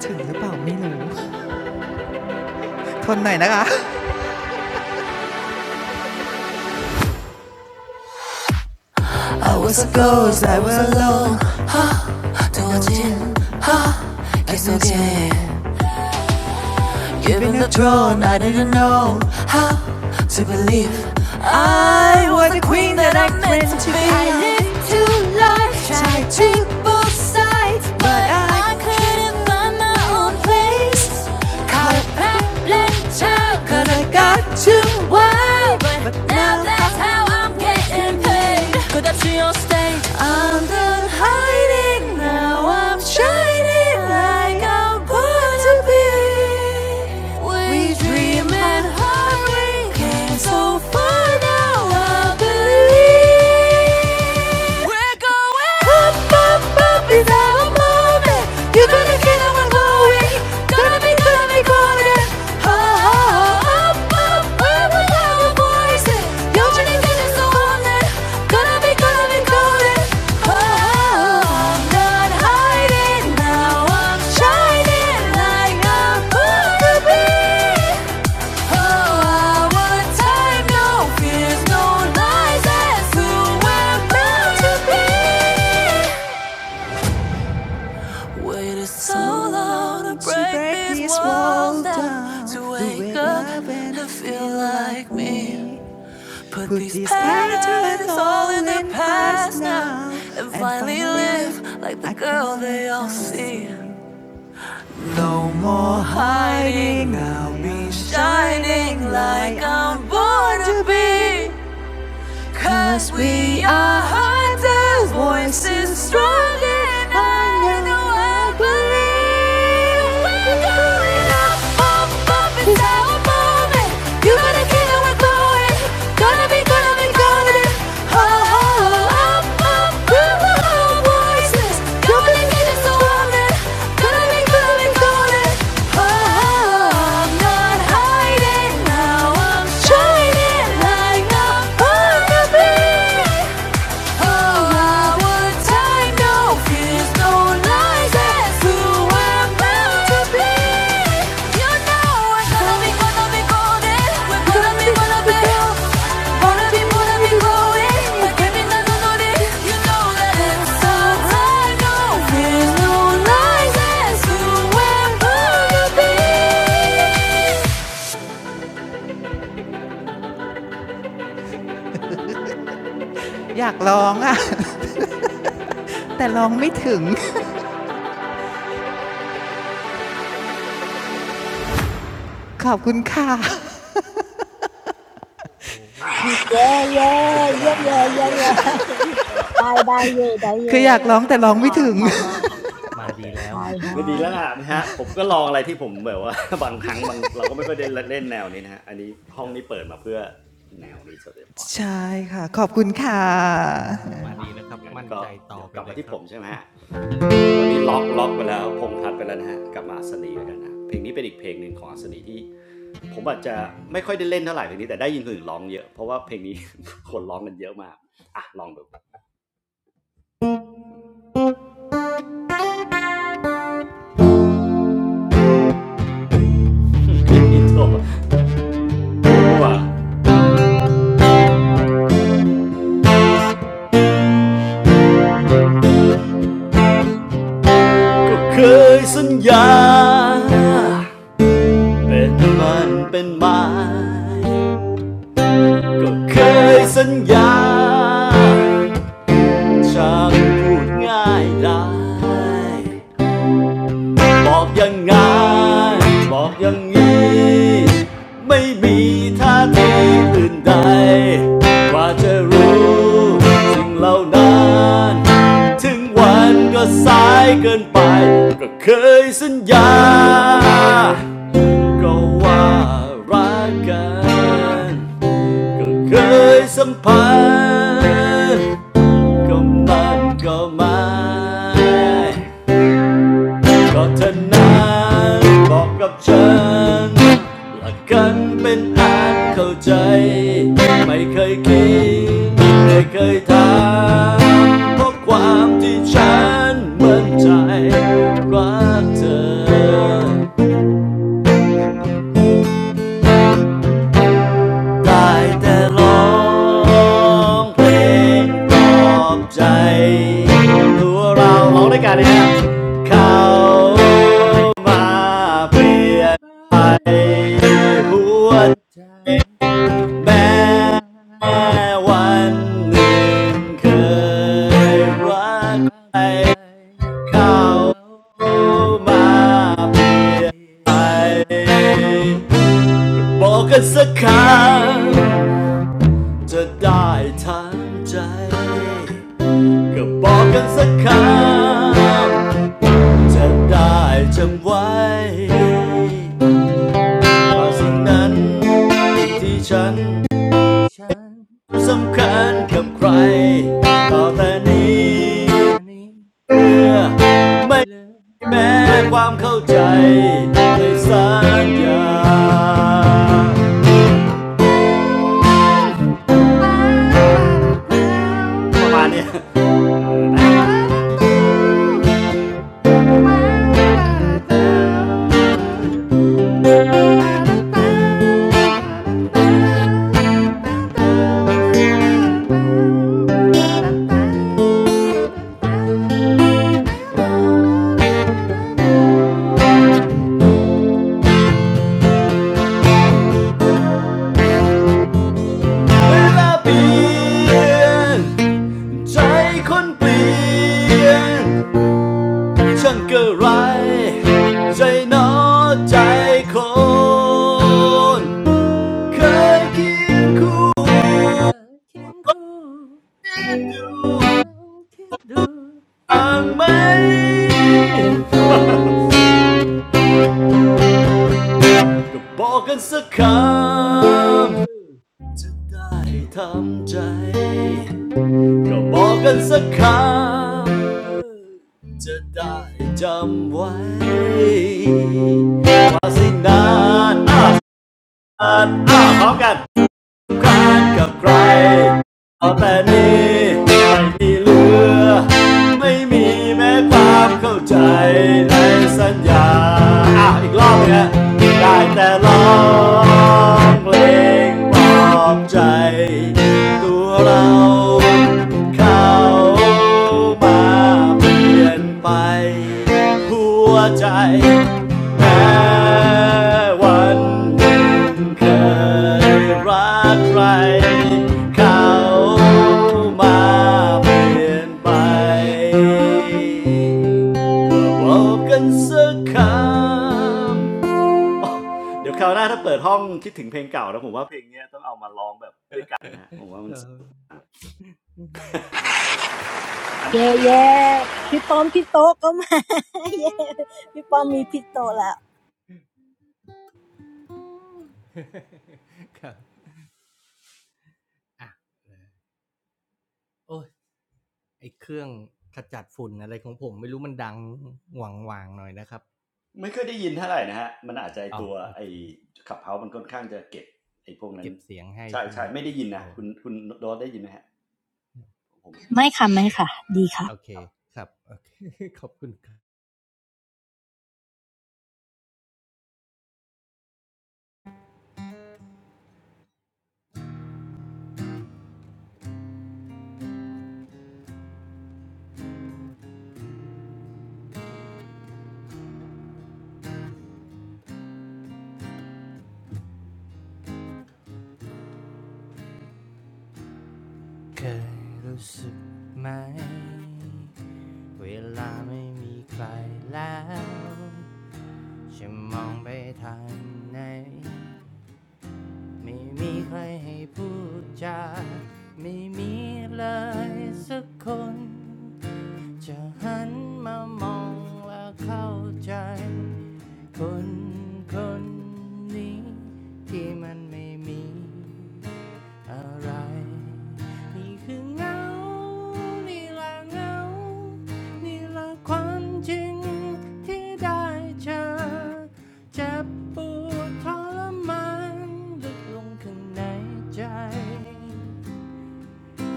ถึงหรือเปล่าไม่รู้ทนหน่อยนะคะ Given the throne, I didn't know how to believe I was the queen that I meant to be. I lived two lives, tried to both sides, but I couldn't find my own place. Caught a babbling child, 'cause I got too wild. But now that's how I'm I'm getting paid. Could that your state? I'm done hiding now. I'm shining like I'm born to be. We dream and hard, we came so far now. I believe we're going up, up, up. Is our you're gonna get on my glory. Gonna be, gonna be golden. Ha ha ha. Up, up, up with our voices. Your journey is golden. Gonna be, gonna be golden. Ha ha ha. I'm not hiding now. I'm shining like I'm born to be. Oh, our time, no fears, no lies. That's who we're bound to be. Waited so long to break break these this walls wall down, to wake up and to feel like like me. Put these patterns all in the past now, and finally live like the like girl they all see. No More Hiding, I'll be Shining like I'm born to be Cause we are hunters, voices strong and I know I believe We're going up, up, up, it's our moment You gotta kill it, we're going Gonna be, gonna be, gonna be, oh, oh, oh. Shining like a butterfly อยากร้องอะแต่ร้องไม่ถึงขอบคุณค่ะ
โอ้โหย
คือ
ส
มา
นุกส
ดี
นานนะ
แล้
ฮะ
วคุ
เยี่
ณ
ยม
โจ้
มากเลยก็
คื ออยากร้องแต่ร้องไม่ถึงค่ะขอบคุณค่ะ
เย้เย้เยี่ยมเลยเยี่ยมเลยได้ได้เย่ได้เย่ค่ะขอบมาก
มา
โอเค
ดีแล้วมาดี
ก็
แล้
ดี
ว
แล้วล่ะนะฮะผมก็ลองอะไร
เอ
ที่ผ
อ
มแบบว่า บางครั้งบางเราก็
เอ
ไม่ค่อยได้
อ
เล่นแนวนี้นะฮะอันนี้ห้
ค
อง
รับ
นี้เปิดมาเพื่อแนวนี้โดยเฉพาะนะครั
ใช่
บ
ค่ะขอบคุณค่ะ
มา
อ่ะ
ดีแล้วครับ
งั้น
มั่น
ก็
ใจต่อ
เดี๋ยว
ไป
กลับ
เล
มา
ย
ที่
ค
ผ
รับ
มใช่ไหมฮะวันนี้ล็อกล็อกไปแล้วพงษ์ทัดไปแล้วนะฮะกลับมาอัศนีแล้วกันนะเพลงนี้เป็นอีกเพลงหนึ่งของอัศนีที่ผมอาจจะไม่ค่อยได้เล่นเท่าไหร่เพลงนี้แต่ได้ยินคนอื่นร้องเยอะเพราะว่าเพลงนี้ คนร้องกันเยอะมากอ่ะลองดูอินโทรก็เคยสัญญา เป็นมันเป็นไม้ก็เคยสัญญา ช่างพูดง่ายได้บอกอย่างไงนบอกอย่างนี้ไม่มีท่าทีอื่นใดกว่าจะรู้สิ่งเหล่านั้นถึงวันก็สายเกินไปก็เคยสัญญาก็ว่ารักกัน ก็เคยสัมผัสก็มันก็ไม่ก็เธอนั้นบอกกับฉันหลักกันเป็นอันเข้าใจไม่เคยคิดไม่เคยถามเพราะความที่ฉันมั่นใจรักเธอ ได้แต่ร้องเพลงปลอบใจตัวเราร้องด้วยกันเลยนะฮะเขามา
เปลี่
เป
ย
ลี่ย
น
น
ไป
ไปห
หั
ว
ว
ด
ใจ
แม้
แม้
วัน
วั
ห
น
นึ่
ห
ง
นึ่ง
เค
เค
ย
ย
รัก
รัก
ใคร
ใคร
เขา
เขา
มา
มา
เปลี่
เป
ย
ลี่
น
ย
ไป
นไป
บอกกันสักครั้ง จะได้ทางใจก็บอกกันสักคำจะได้จำไว้ว่าสิ่งนั้นที่ฉัน
สิ่งที่ฉัน
สำคัญกับใครต่อแต่นี้
ต่อแต่นี้
เมื่อ
มี
ไม่
เหลือ
แม้ความเข้าใจในสัญญาประมาณเนี้ย เวลาเปลี่ยนใจคนเปลี่ยนชัาเกระไรใจนอใจคนเคยเคียงคู
เค
่
ยเคียงคู่ลองคิดดู
อ่างไหมบอกกันสักค
เอ
ำ
อ
จะได้ทำใจ ก็บอกกันสักค
เออ
ำ จะได้จำไว้ว่าสิ
ว่า
นา
สิ่ง
นอ่ะอ่ะอ่ะพร้อมกันำลานกับใครเอาแต่นี้ไม่มีเหลือไม่มีแม้ความเข้าใจ
ให้
ใน
สัญ
สัญ
ญา
ญาอาวอีกรอบเนี่ยได้แต่ร้อ
เพิ่ม
งเพล
เพล
ง
ง
ปล
ปล
อ
อ
บใจ
บใจ
ตัว
ตัว
เรา
เรา
เขา
เขา
มา
มา
เปลี่
เป
ยน
ลี่ย
ไป
นไป
หัว
หัว
ใจ
ใจ
แม้
แม้
วัน
วันหนึ่ง
เค
เค
ย
ย
รั
รั
กใคร
กใคร
เขา
เขา
มา
มา
เป
เป
ลี่ย
ลี่
น
ย
ไป
นไป
บอกกันสักคำเดี๋ยวคราวหน้าถ้าเปิดห้องคิดถึงเพลงเก่าแล้วผมว่าเพลงเนี้ยต้องเอามาร้องแบบด้วยกันนะฮะผมว่า
ค
มันส
รั
น
บ
ั้นครับ
ได้ได้เย่เย่พี่ป้อมพี่โต๊ะก็มาเย่พี่ป้อมมีพี่โต๊ะแล้ว
ครับ อ่ะโอ้ยไอเครื่องขจัดฝุ่นอะไรของผมไม่รู้มันดังหวังวางๆหน่อยนะครับ
ไม่เคยได้ยินเท่าไหร่นะฮะ มันอาจจะไอ
อ๋อ
ตัว
โอ
ไอ
เค
ขับเฮามันค่อนข้างจะเก็บไอพวกนั้น
เก็บเสียงให้
ใช่
ใช่ไหม
ใช่
ครับ
ไม่ได้ยินนะ
อ๋อ
คุณคุณโดนได้ยินไหมฮะผมไม่ค ได้
ไม่ค่ะไม่ค่ะดีค่ะ
โอเคครับโอเค ขอบคุณครับเคยรู้สึกไหมเวลาไม่มีใครแล้วฉันมองไปทางไหนไม่มีใครให้พูดจาไม่มีเลยสักคน จะหันมามองและเข้าใจคนคนนี้ที่มันไม่มีอะไรนี่คือเงา นี่ละเงา นี่ละความจริงที่ได้เจอเจ็บปวดทรมานลึกลงข้างในใจ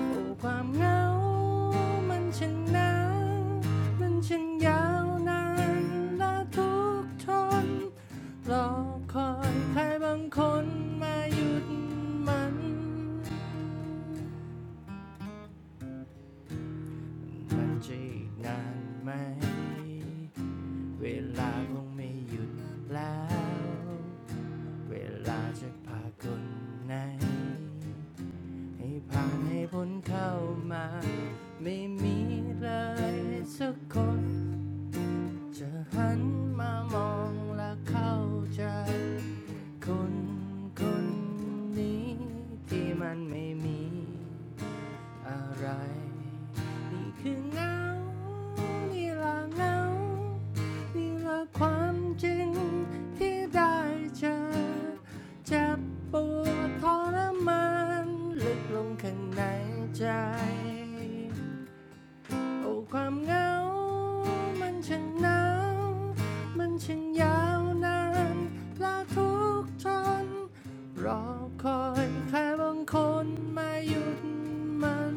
โอ้ความเหงามันช่างหนาวมันช่างยาวนานและทุกทนรอคอยใครบางคนมาหยุดมันมันจะอีกนานไหมเวลาคงไม่หยุดแล้วเวลาจะพาคนไหน ให้ผ่านให้พ้นเข้ามาไม่มีเลยสักคนจะหันมามองและเข้าใจคนคนนี้ที่มันไม่มี อะไรนี่คือเงา นี่ละเงา นี่ละความจริงที่ได้เจอเจ็บปวดทรมานลึกลงข้างในใจ โอ้ความเหงา มันช่างหนาวมันช่างยาวนานและทุกข์ทนรอคอยใครบางคนมาหยุดมัน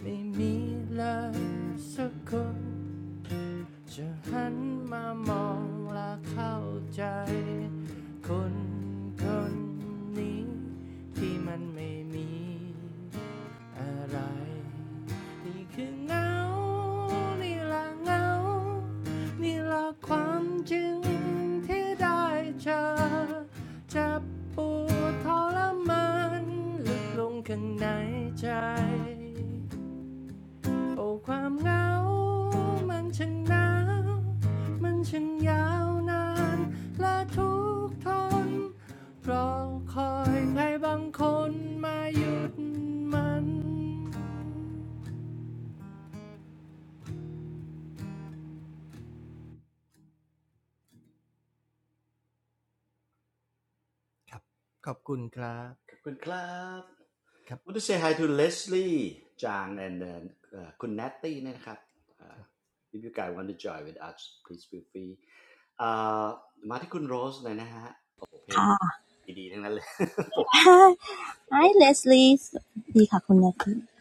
ไม่มีเลยสักคน จะหันมามองและเข้าใจ คนคนนี้ที่มันไม่มี อะไรนี่คือเงา นี่ละเงา นี่ละความจริงที่ได้เจอจจะปวดทรมานลึกลงข้างในใจ โอ้ความเหงามันช่างหนาวมันช่างยาวนานและทุกข์ทนรอคอยใครบางคนมาหยุดมันครับขอบคุณครับ
ขอบคุณครับ
ครับ
want to say hi to Leslie จาง and uh, อคุณ Natty เนยนะครับ uh,
ค
if you guys want to join with us please feel free อ่ามาที่คุณโรสเลยนะฮะ โอ้เพลง
ค่ะ
ดีๆทั้งนั้นเลย ผม
Hi
ต้อง
Leslie สวัสดีค่ะคุณนาคือไม่ได้ยิน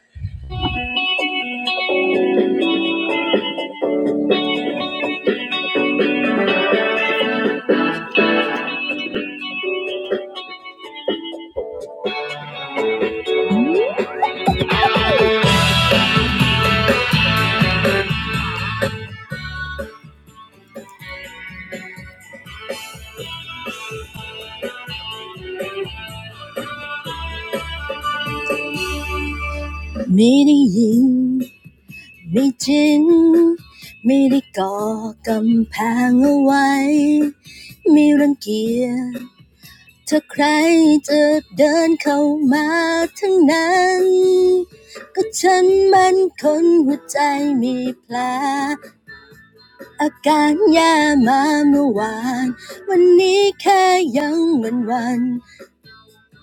ไม่จริงไม่ได้ก่อกำแพงเอาไว้ไม่รังเกียจถ้าใครจะเดินเข้ามาทั้งนั้น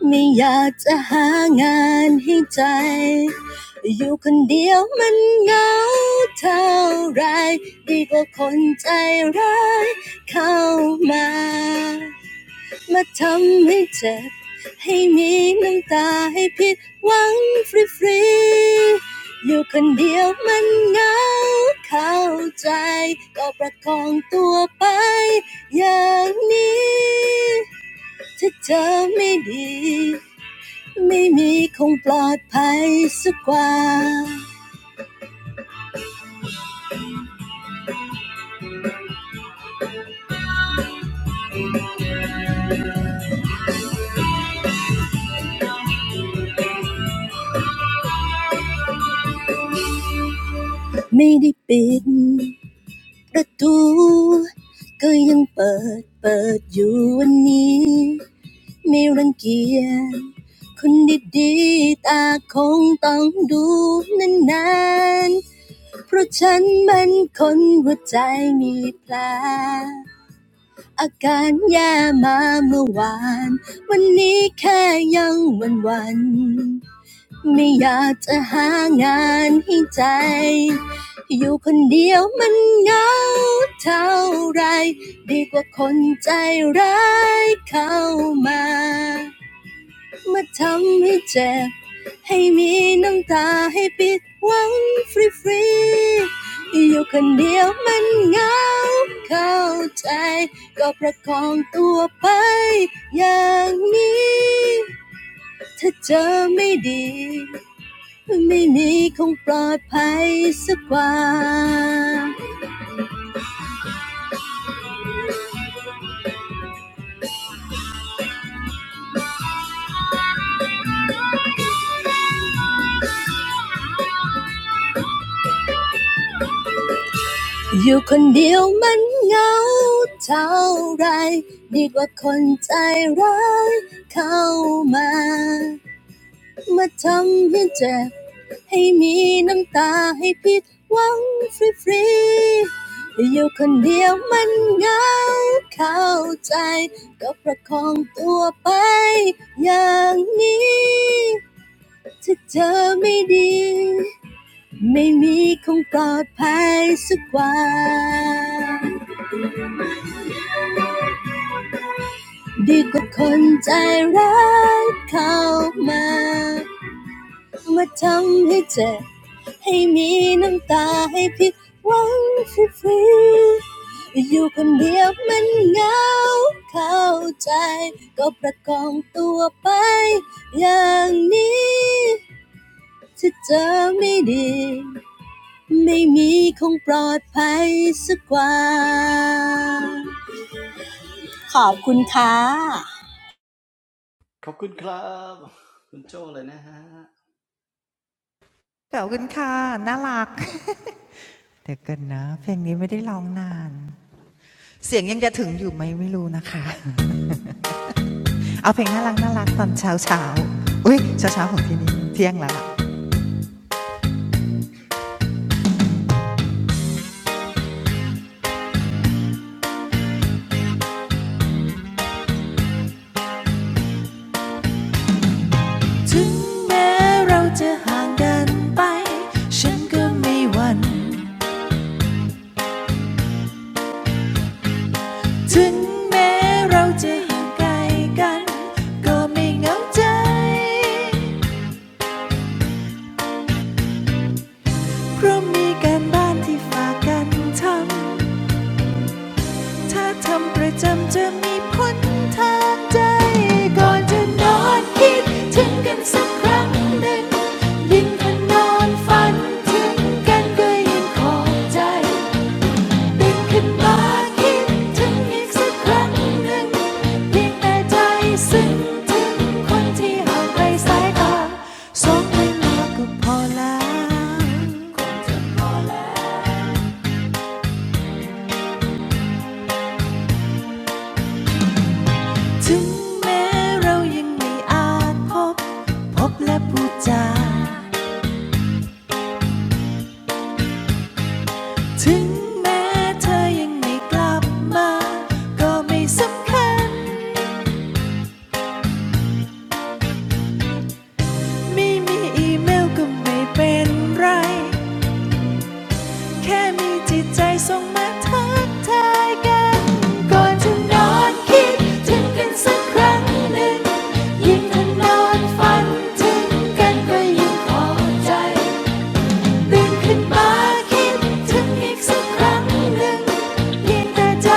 ไม่อยากจะหางานให้ใจ ไม่มีคงปลอดภัยสักกว่า ไม่อยากจะหางานให้ใจอยู่คนเดียวมันเหงาเท่าไรดีกว่าคนใจร้ายเข้ามามาทำให้เจ็บให้มีน้ำตาให้ปิดหวังฟรีๆอยู่คนเดียวมันเหงาเข้าใจก็ประคองตัวไปอย่างนี้ถ้าเจอไม่ดี ไม่มีคงปลอดภัยสักกว่าอยู่คนเดียวมันเหงาเท่าไรดีกว่าคนใจร้ายเข้ามา ไม่มีคงปลอดภัยสักวันดีกว่าคนใจร้ายเข้ามา มาทำให้เจ็บให้มีน้ำตาให้ผิดหวังฟรีๆอยู่คนเดียวมันเหงาเข้าใจ ก็ประกองตัวไปอย่างนี้ถ้าเจอไม่ดี ไม่มีคงปลอดภัยสักกว่า
ขอบคุณครับ คุณโจเลยนะฮะ
ขอบคุณค่ะน่ารัก เดี๋ยวกันนะเพลงนี้ไม่ได้ร้องนานเสียงยังจะถึงอยู่ไหมไม่รู้นะคะเอาเพลงน่ารักน่ารักตอนเช้าเช้าอุ้ยเช้าเช้าของที่นี่เที่ยงแล้วถึงแม้เราจะห่างกันไปฉันก็ไม่หวั่นถึงแม้เราจะห่างไกลกันก็ไม่เหงาใจเพราะมีการบ้านที่ฝากกันทำ ถ้าทำประจำจะมีผลทางใจก่อนจะนอนคิดถึงกันสักครั้งหนึ่งยิ่งถ้านอนฝันถึงกันก็ยิ่งขอบใจตื่นขึ้นมาคิดถึงอีกสักครั้งหนึ่งเพียงแต่ใจซึ้งถึงคนที่ห่างไกลสายตาสองเวลาก็พอแล้วคงจะพอแล้ว ถึงแม้เรายังไม่อาจพบพบและพูดจาถึงแม้เธอยังไม่กลับมา ก็ไม่สำคัญไม่มีอีเมลก็ไม่เป็นไร แค่มีจิตใจส่งมาทักทายกันก่อนจะนอนคิดถึงกันสักครั้งหนึ่ง ยิ่งถ้านอนฝันถึงกันก็ยิ่งพอใจ ตื่นขึ้นมาคิดถึงอีกสักครั้งหนึ่งเพียงแต่ใจ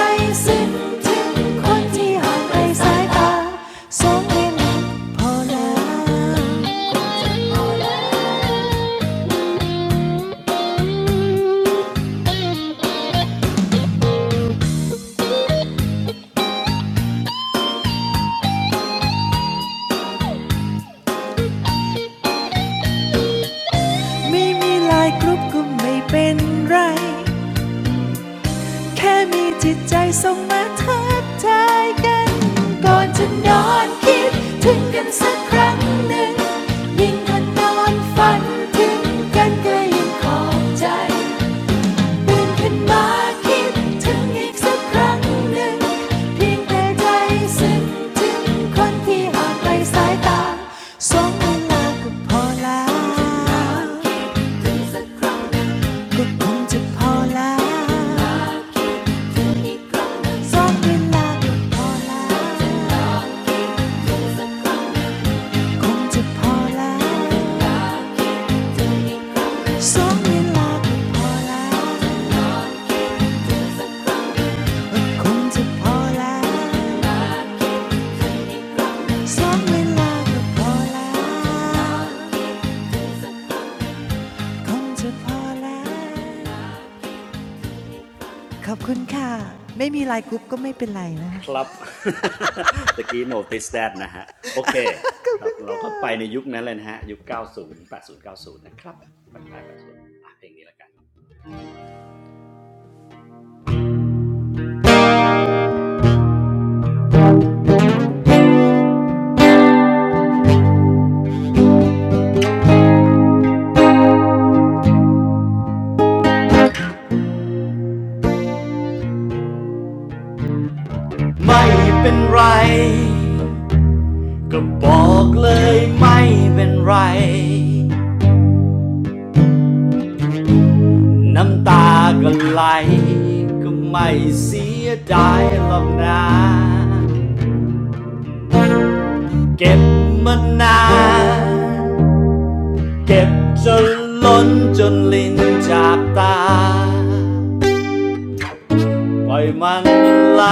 ซึ้งถึงคนที่ห่างไกลสายตาสองเอ็พอแล้วไม่มีไลายกรุ๊ปก็ไม่เป็นไรแค่มีจิตใจส่งมาทักทายกันก่อนจะนอนคิดถึงกันสักครั้งหนึ่งยิ่งถ้านอนฝันถึงกันก็ยิ่งขอบใจ ลุนขึ้นมาคิดถึงอีกสักครั้งหนึ่งเพียงแต่ใจซึ้งถึงคนที่ห่างไสายตาสองเวลาก็พอแล้วก็คงจะพอแล้วสองเวลาก็พอแล้วคงจะพอแล้วสองเวลาก็พอแล้วคงจะพอแล้ว สองเวลาก็พอแล้วคงจะพอแล้วขอบคุณค่ะไม่มีไลน์กรุ๊ปก็ไม่เป็นไรนะ
ครับ ตะกี้ notice that นะฮะโอเค
ขอบ
ครั
คุ
บ
ณ
เรา
ค่ะ
ก็ไปในยุคนั้นเลยนะฮะยุค90 80 9ูนะครับปลาย80อ่ะเพลงนี้ละกันไม่เป็นไรก็บอกเลยไม่เป็นไรน้ำตาก็ไหลก็ไม่เสียดายหรอกนะเก็บมานานเก็บจนล้นจนลิ้นจากตา ปล่อยมันไหล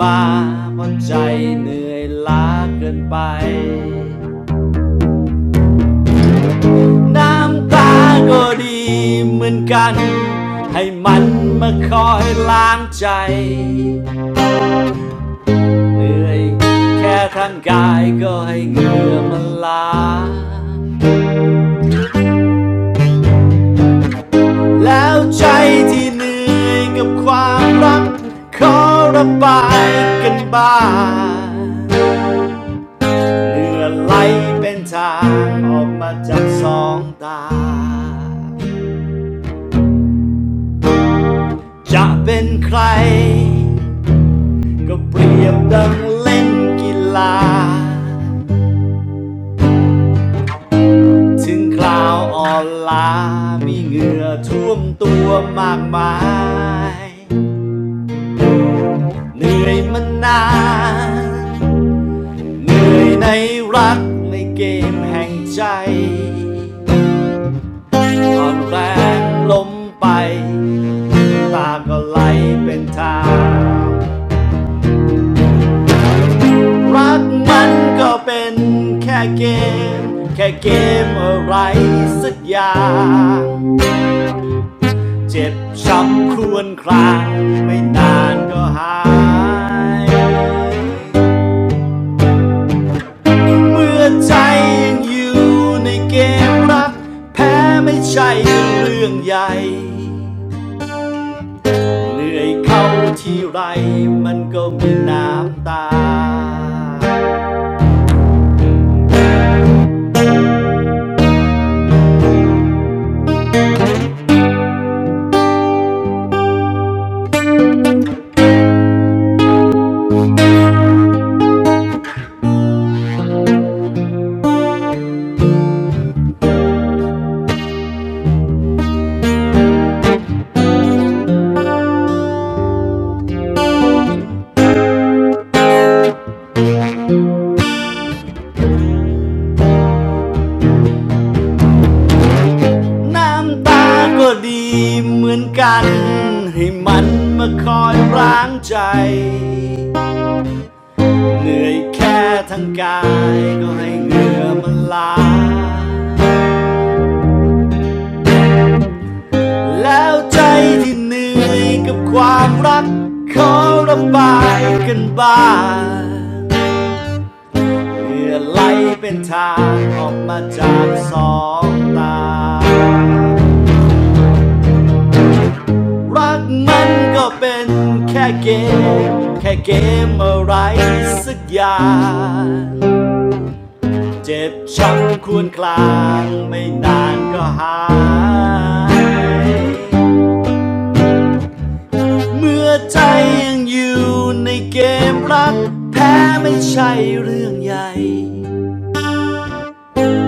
มาเพราะใจเหนื่อยล้าเกินไป น้ำตาก็ดีเหมือนกันให้มันมาคอยล้างใจเหนื่อยแค่ทางกายก็ให้เหงื่อมันล้าแล้วใจที่เหนื่อยกับความรักขอระบายกันบ้าง เลือดไหลเป็นทางออกมาจากสองตา จะเป็นใครก็เปรียบดังเล่นกีฬาถึงคราวอ่อนล้ามีเหงื่อท่วมตัวมากมาย เหนื่อยมานานเหนื่อยในรักในเกมแห่งใจอ่อนแรงล้มไปตาก็ไหลเป็นทาง รักมันก็เป็นแค่เกม แค่เกมอะไรสักอย่างเจ็บช้ำครวญครางไม่นานก็หายเมื่อใจยังอยู่ในเกมรักแพ้ไม่ใช่เรื่องใหญ่ เหนื่อยเข้าที่ไรมันก็มีน้ำตา น้ำตาก็ดีเหมือนกันให้มันมาคอยร้างใจเหนื่อยแค่ทั้งกายก็ให้เหงื่อมันล้าแล้วใจที่เหนื่อยกับความรักขอระบายกันบ้างเหื่อไหลเป็นทางออกมาจากสองตา รักมันก็เป็นแค่เกม แค่เกมอะไรสักอย่าง เจ็บช้ำควรคลางไม่นานก็หาย เมื่อใจยังอยู่ในเกมรักแพ้ไม่ใช่เรื่องใหญ่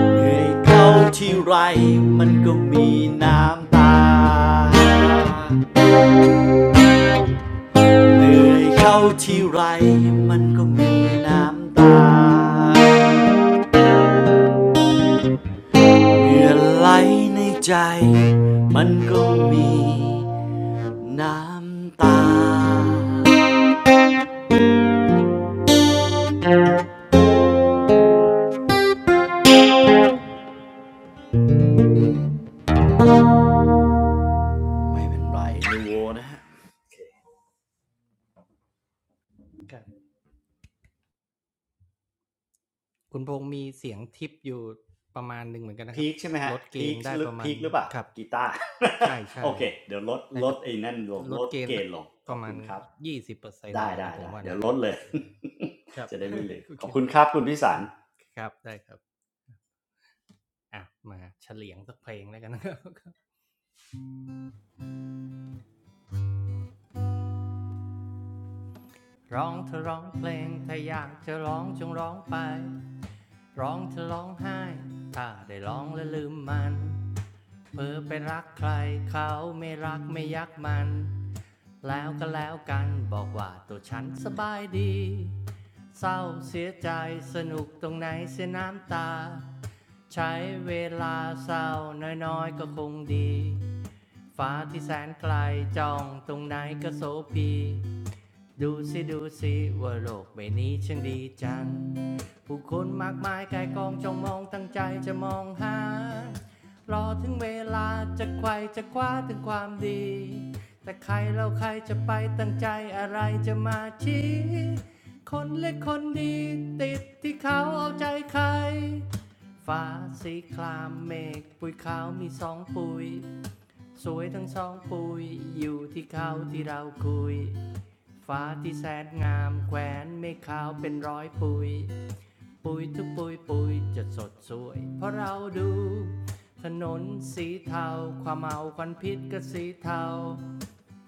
เหนื่อยเข้าที่ไรมันก็มีน้ำตา เหนื่อยเข้าที่ไรมันก็มีน้ำตาเหงื่อไหลในใจมันก็มีน้ำตาไม่เป็นไรดูโวนะฮะ
รับ คุณพงษ์มีเสียงทิปอยู่ประมาณหนึ่งเหมือนกันนะค
พี
รับ
คใช่ไหมฮะ
ลดเก
พี
ณ
ค
ฑ์ได้
หรื
ป
อ
ระมา
พี
ณ
คหรือเปล่า
ครับ
กีตาร์
ใช่
โอ
ใช่
เคเดี๋ยวลด
น่า
ล
จะ
ดไอ้นั่นลง
ล
ล
ด
ด
เกณ
เก
ฑ์สั
ณ
ก
ฑ์ลงข
ป
อ
ระ
บ
มา
คุ
ณ
ณครับ
ยี่สิบเปอร์เซ็น
ได้
อะไร
ได้
เงี้ยผม
ได้
ว่า
เดี๋ยว
น่า
ล
จะ
ด
โอ
เลย
เค ได้ครับ
จะได้ไม่ลืม
โอ
ข
เค
อบคุณครับคุณพิสา
ค
ร
รับครับได้ครับอ่ะมาเฉลียงสักเพลงแล้วกันนะครับ ร้องเธอร้องเพลงถ้าอยากจะร้องจงร้องไปร้องเธอร้องไห้ถ้าได้ร้องแล้วลืมมันเพ้อไปรักใครเขาไม่รักไม่ยักมัน แล้วก็แล้วกันบอกว่าตัวฉันสบายดี เศร้าเสียใจสนุกตรงไหนเสียน้ำตา ใช้เวลาเศร้าน้อยๆก็คงดีฟ้าที่แสนไกลจ้องตรงไหนก็โสภี ดูสิดูสิว่าโลกใบนี้ช่างดีจังผู้คนมากมายกายกองจ้องมองตั้งใจจะมองหารอถึงเวลาจะไขว่จะคว้าถึงความดีแต่ใครเราใครจะไปตั้งใจอะไรจะมาชี้คนเล็กคนดีติดที่เขาเอาใจใครฟ้าสีครามเมฆปุยขาวมีสองปุยสวยทั้งสองปุยอยู่ที่เขาที่เราคุย ฟ้าที่แสนงามแขวนเมฆขาวเป็นร้อยปุยปุยทุกปุยปุยจะสดสวยเพราะเราดูถนนสีเทาความเมาควันพิษก็สีเทา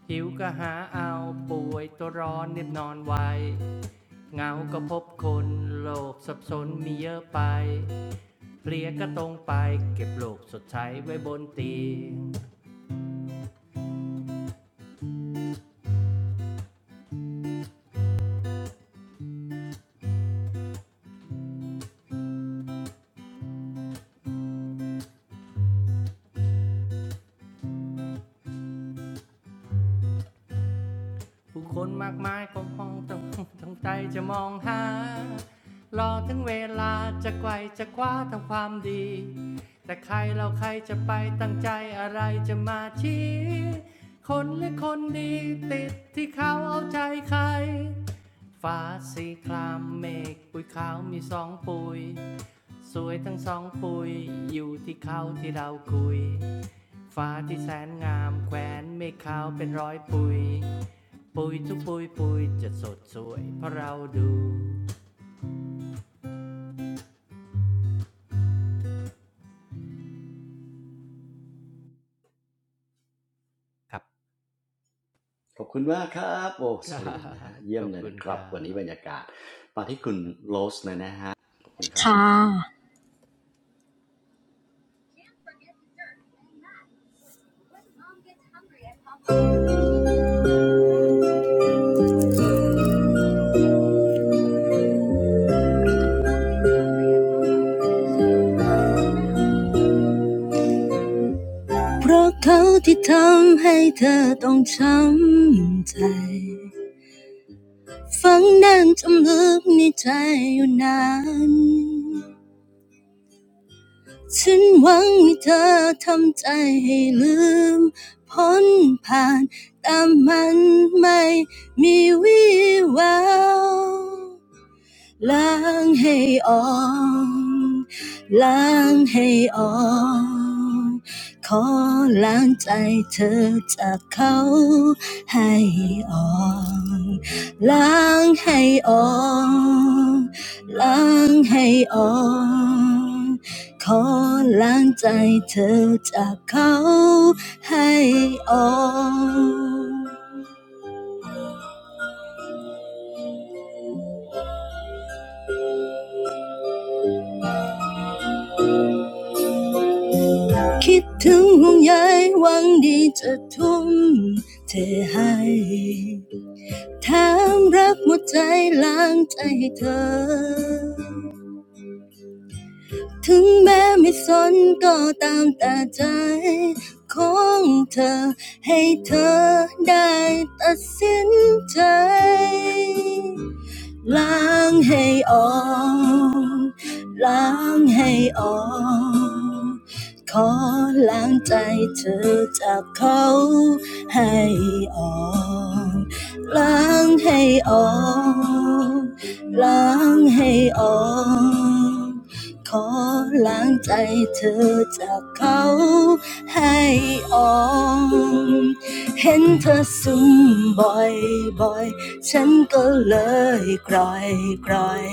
หิวก็หาเอาป่วยตัวร้อนเน็บนอนไวเงาก็พบคนโลกสับสนมีเยอะไปเพลียก็ตรงไปเก็บโลกสดใสไว้บนเตียง ผู้คนมากมายก็มองต้องต้องใจจะมองหารอถึงเวลาจะไกวจะคว้าทำความดีแต่ใครเราใครจะไปตั้งใจอะไรจะมาชี้คนและคนดีติดที่เขาเอาใจใครฟ้าสีครามเมฆปุยขาวมีสองปุยสวยทั้งสองปุยอยู่ที่เขาที่เราคุยฟ้าที่แสนงามแขวนเมฆขาวเป็นร้อยปุย ปุ๋ยทุกปุ๋ยปุ๋ยจะสดสวยเพราะเราดูครับ
ขอบคุณมากครับโอ้
ค
เฉ
รั
ลี่ยนนะฮะ
บ
เยี่
ข
ยม
อบ
เลย
คุณ
นะค
ค
รับ
รั
วันนี้
บ
บรรยากาศมาที่คุณ
ครับ
โรสเลยนะฮะขอบคุณครับ
Lắng hay ồn, lắng hay ồn. Khó lắng trái เธอจาก anh. Hay ồn, lắng hay ồn, lắng hay ồn. Khó lắng trái เธอจาก anh. คิดถึงห่วงใยหวังดีจะทุ่มเทให้ Lắng hay ỏng, lắng hay ỏng. Khó lắng trái เธอจาก anh. Hay ỏng, lắng hay ỏng, lắng hay ỏng. Khó lắng trái เธอจาก anh. Hay ỏng, thấy anh sụm bỏi bỏi. ฉันก็เลยกร่อยกร่อย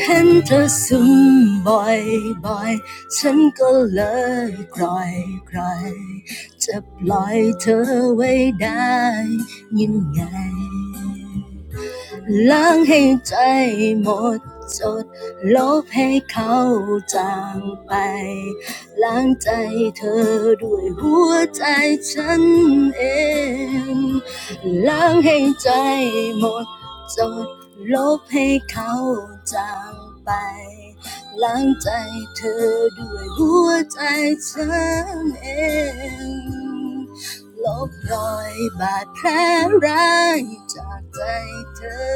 เห็นเธอซึมบ่อยๆฉันก็เลยกล่อยกลอยจะปล่อยเธอไว้ได้ยังไง 冷氣仔หมดจด ลบรอยบาดแผลร้ายจากใจเธอ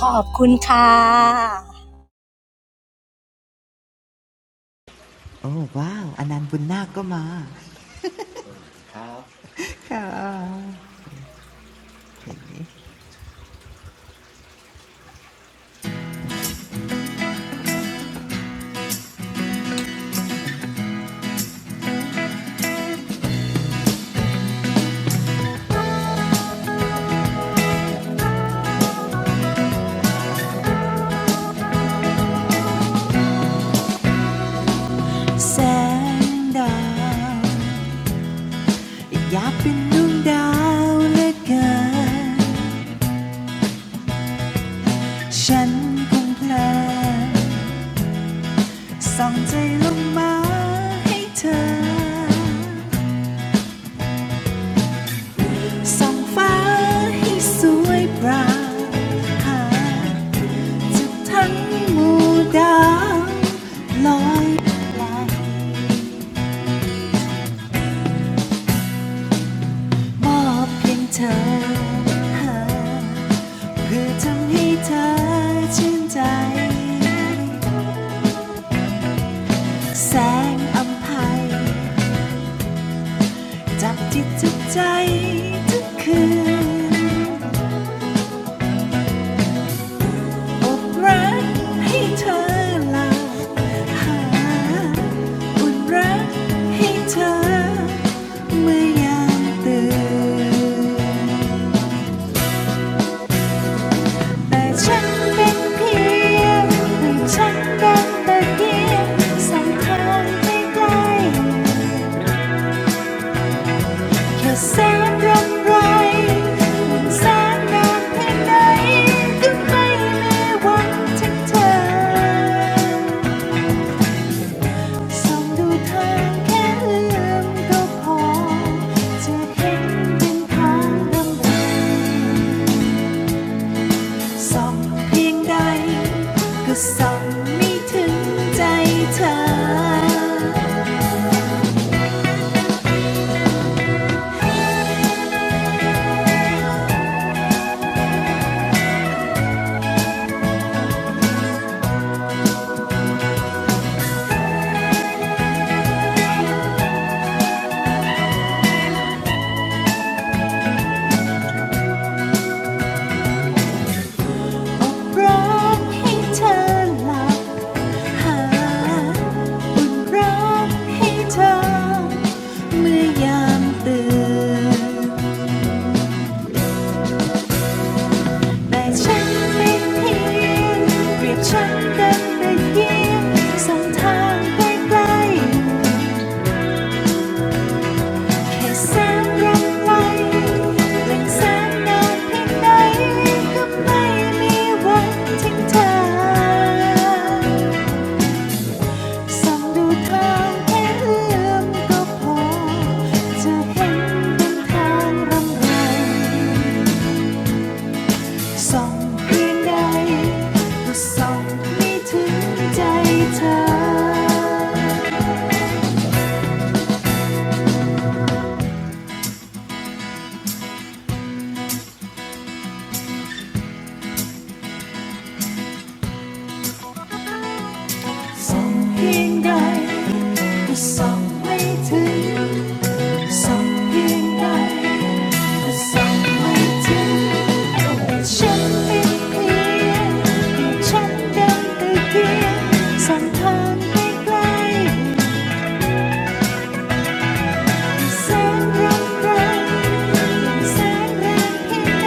ขอบคุณค่ะ
โอ้ว้าวอนันต์บุญนาคก็มา
สวัสดีนะครับ
แสงดาวอยากเป็นดวงดาวเหลือเกินฉันคงเพลินส่องใจลงมาให้เธอส่องฟ้าให้สวยปรางหา จะทั้งหมู่ดาวลอยปลมอบเพียงเธอเพื่อทำให้เธอชื่นใจแสงอำไพยจับจิตจับใจทุกคืนอบรักให้เธอหลับหาอุ่นรักให้เธอเมื่อยามตื่น แต่ฉันเป็นเพียงให้ฉันเดินตะเกียงสายทางไม่ไกลแค่แสนรำไรแสนนานเพียงไหนก็ไม่มีวันถึงเธอส่องดูทางแค่เอื้อมก็พอจะเห็นเป็นทางลำบาก ส่องเพียงใดก็ส่องไม่ถึงใจเธอรักให้เธอหลับหารักให้เธอเมื่อยามตื่น แต่ฉันไม่เพียงเปรียบฉันกันไปเพียงสองทางใกล้ๆ ให้แสงยังไงงแสงนานเพียงใดก็ไม่มีวันทิงเธอส่องดูทางแค่เือมก็พอจะเห็นเป็นทางรำไรส่องเพียงใดก็ส่องไม่ถึงใจเธอส่องเพียงใดก็ส่องไม่ถึง สังเพียงใดก็สัไม่ถึงฉันเป็นเพียงฉันเดินไปเทียสังทานไปไกลแสนรักรแสนแรงเพียงใด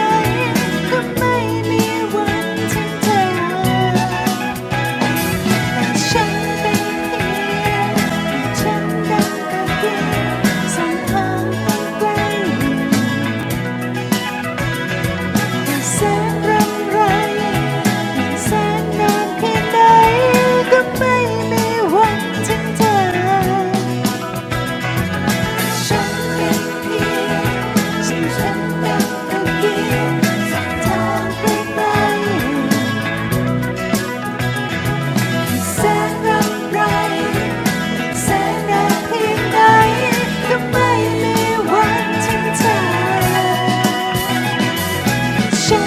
ก็ไม่มีวันทิ้งเธอฉันเป็นเียฉันเดินไปเทียสังทานไปไกล แสนรำไรแสนนานแคไหนก็ไม่มีวันงเธอฉันเป็นเพียงฉันเป็นเพียงสักไกลแสนรำไรแสนนานเพียงก็ไม่มีวันงเธอฉัน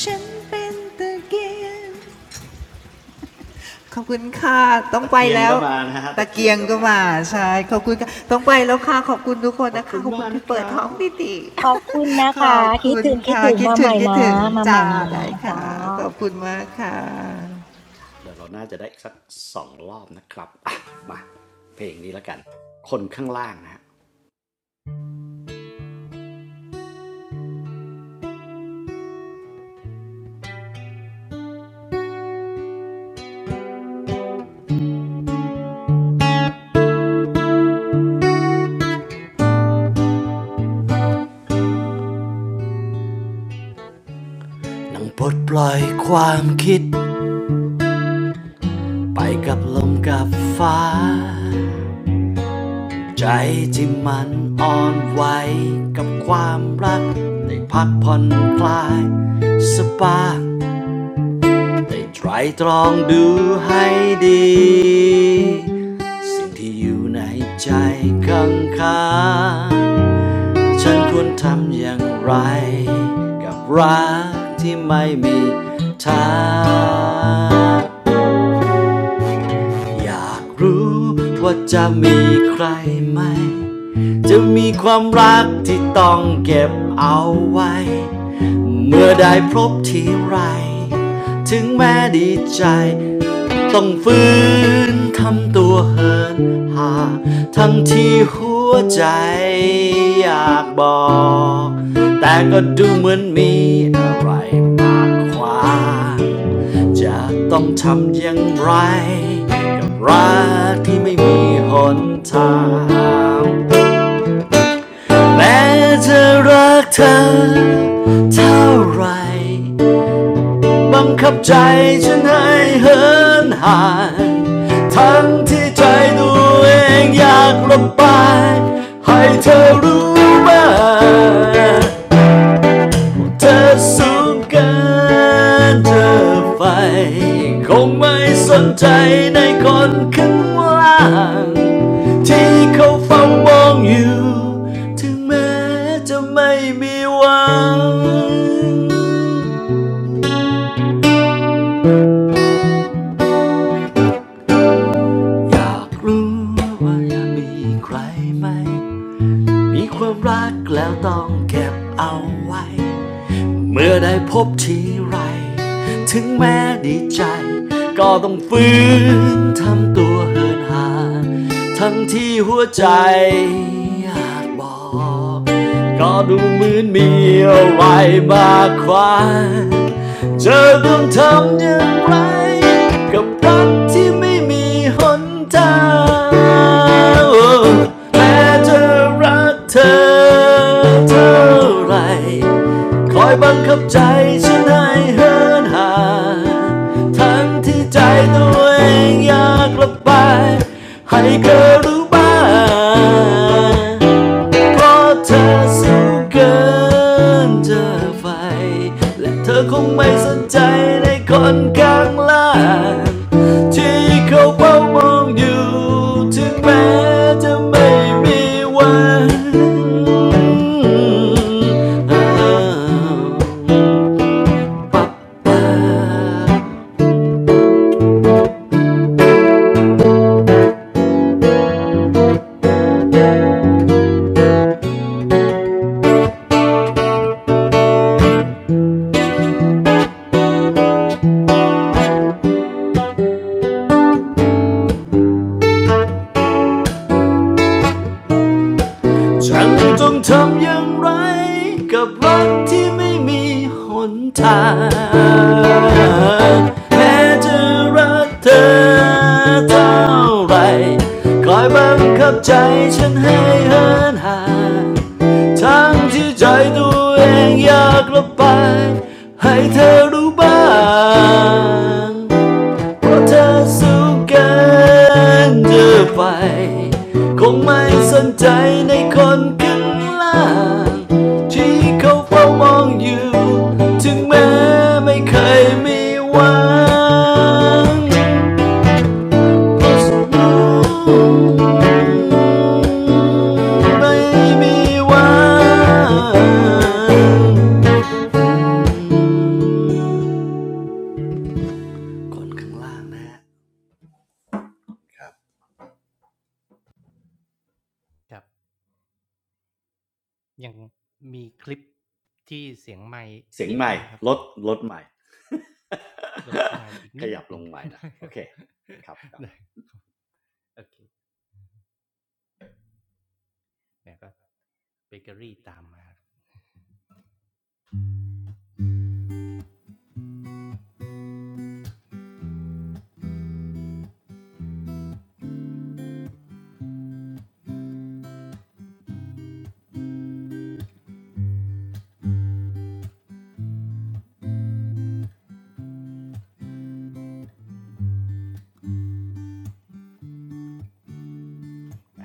ฉันเป็นตะเกียง ขอบคุณค่ะ ต้อง
ตะ
ไป
เกียง
แล้ว
ก็มานะฮะ
ตะ
ตะเกี
เกี
ยง
ยง
ก็
ก็
มา
มา
นะครั
ใช่
บ
ขอบคุณค่ะต้องไปแล้วค่ะขอบคุณทุกคน
ขอบ
นะคะ
คุณ
ขอบคุ
มา
ณ
ก
ที่
นะค
เปิด
รั
ท้อง
บ
พี่ติ ข
ขอบคุณนะคะ
อบคุณค่ะคิดถึงคิด
คิดถึงคิดถึงมาใหม่นะ
ถึงจ้า
เดี๋ยว
ได้
เรา
ค่ะ
ดีค
ขอบคุ
ร
ณมา
ั
กค่
บ
ะ
เดี๋ยวเราน่าจะได้สักสองรอบนะครับอ่ะมาเพลงนี้แล้วกันคนข้างล่างนะฮะนั่งปลดปล่อยความคิดไปกับลมกับฟ้า ใจที่มันอ่อนไหวกับความรักได้พักผ่อนคลายสปายได้ไตรตรองดูให้ดีสิ่งที่อยู่ในใจข้างข้างฉันควรทำอย่างไรกับรักที่ไม่มีทาง อยากรู้ว่าจะมีใครไหมจะมีความรักที่ต้องเก็บเอาไว้เมื่อได้พบทีไร ถึงแม้ดีใจ ต้องฟื้นทำตัวเหินห่างทั้งที่หัวใจอยากบอก แต่ก็ดูเหมือนมีอะไรมากกว่า จะต้องทำอย่างไรกับรักที่ไม่มีหนทางแม้จะรักเธอเท่าไร บังคับใจฉันให้เหินห่างทั้งที่ใจตัวเองอยากระบายให้เธอรู้บ้าง เธอสูงเกินเธอไฟคงไม่สนใจในคนข้างล่างที่เขาเฝ้ามองอยู่ถึงแม้จะไม่มีหวังอยากรู้ว่ายังมีใครไหมมีความรักแล้วต้องเก็บเอาไว้ เมื่อได้พบทีไร ถึงแม้ดีใจ ก็ต้องฝืนทำตัวเหินห่างทั้งที่หัวใจอยากบอก ก็ดูเหมือนมีอะไรมากกว่าเธอต้องทำอย่างไรกับรักที่ไม่มีหนทางแม้จะรักเธอเท่าไร คอยบังคับใจฉันให้เหินห่างทั้งที่ใจตัวเองอยากกละบไป ให้เธอรู้บ้าง เพราะเธอสูงเกินเธอไฟและเธอคงไม่สนใจในคนข้างล่างที่เขาเฝ้ามองอยู่ถึงแม้จะไม่มีวัน ปั๊บปั๊บ ฉันต้องทำอย่างไรกับรักที่ไม่มีหนทางแม้จะรักเธอเท่าไหรคอยบังคับใจฉันให้เหินห่างทั้งที่ใจตัวเองอยากกละบไปให้เธอรู้บ้าง เพราะเธอสู้กันเธอไปคงไม่สนใจในคนข้างล่างที่เขาเฝ้ามองอยู่ถึงแม้ไม่เคยมีหวังเพราะูไม่มีหวังคนข้างล่างนะฮะ
ยังมีคลิปที่เสียงไม่
เสียง
นิด
ใหม่
นึงครับ
ลดลดใหม่
ลดไม่อีก
ข
นิ
ยั
ด
บ
ห
ล
นึ่ง
งใหม่หน่อย
ได้ค
โอ
รับ
เคครับครั บ
ได้โอเคเนี่ยก็เบเกอรี่ตามมา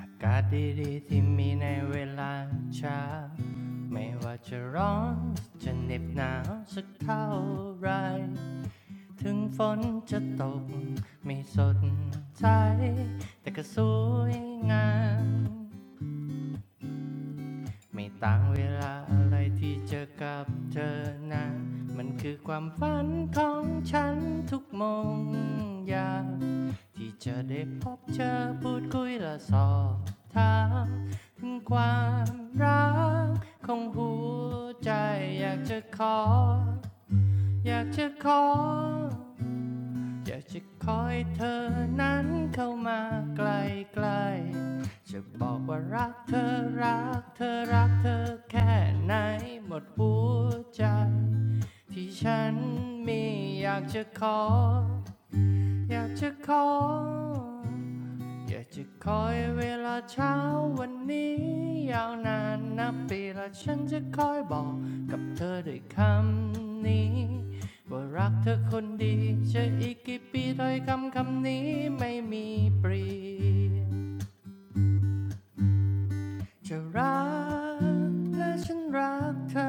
อากาศดีๆที่มีในเวลาเช้าไม่ว่าจะร้อนจะเหน็บหนาวสักเท่าไร ถึงฝนจะตกไม่สดใจแต่ก็สวยงามไม่ต่างเวลาอะไรที่เจอกับเธอนะมันคือความฝันของฉันทุกโมงยามที่จะได้พบเจอพูดคุยและสอบถามถึงความรักของหัวใจอยากจะขออยากจะขอ อยากจะขอให้เธอนั้นเข้ามาใกล้ๆจะบอกว่ารักเธอรักเธอรักเธอแค่ไหนหมดหัวใจที่ฉันมีอยากจะขอ อยากจะขออยากจะคอยเวลาเช้าวันนี้ยาวนานนับปีและฉันจะคอยบอกกับเธอด้วยคำนี้ว่ารักเธอคนดีจะอีกกี่ปีถ้อยคำคำนี้ไม่มีเปลี่ยนจะรักและฉันรักเธอ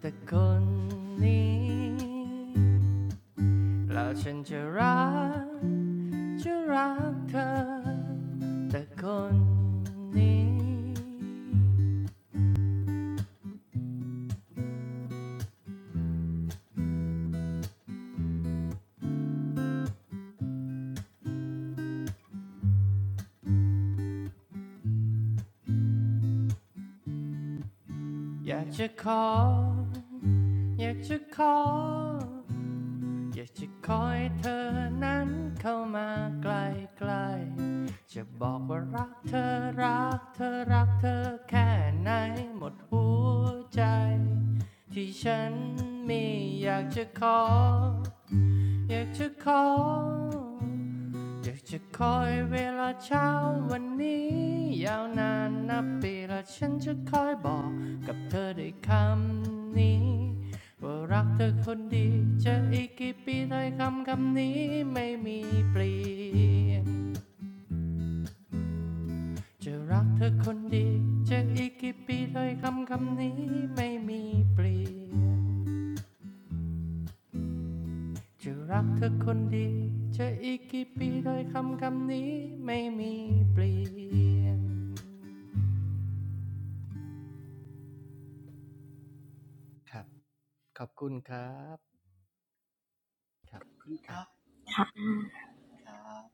แต่คนนี้แล้วฉันจะรัก จะรักเธอแต่คนนี้อยากจะขออยากจะขออยากจะขอให้เธอนั้นเข้ามาใกล้ๆจะบอกว่ารักเธอรักเธอรักเธอแค่ไหนหมดหัวใจที่ฉันมีอยากจะขอ อยากจะขออยากจะคอยเวลาเช้าวันนี้ยาวนานนับปีและฉันจะคอยบอกกับเธอด้วยคำนี้ว่ารักเธอคนดีจะอีกกี่ปีถ้อยคำคำนี้ไม่มีเปลี่ยนจะรักเธอคนดีจะอีกกี่ปีถ้อยคำคำนี้ไม่มีเปลี่ยน จะรักเธอคนดีจะอีกกี่ปีโดยคำคำนี้ไม่มีเปลี่ยนครับขอบคุณครับครับ
ขอบคุณค
อ่ะ
รับมาที่ครับ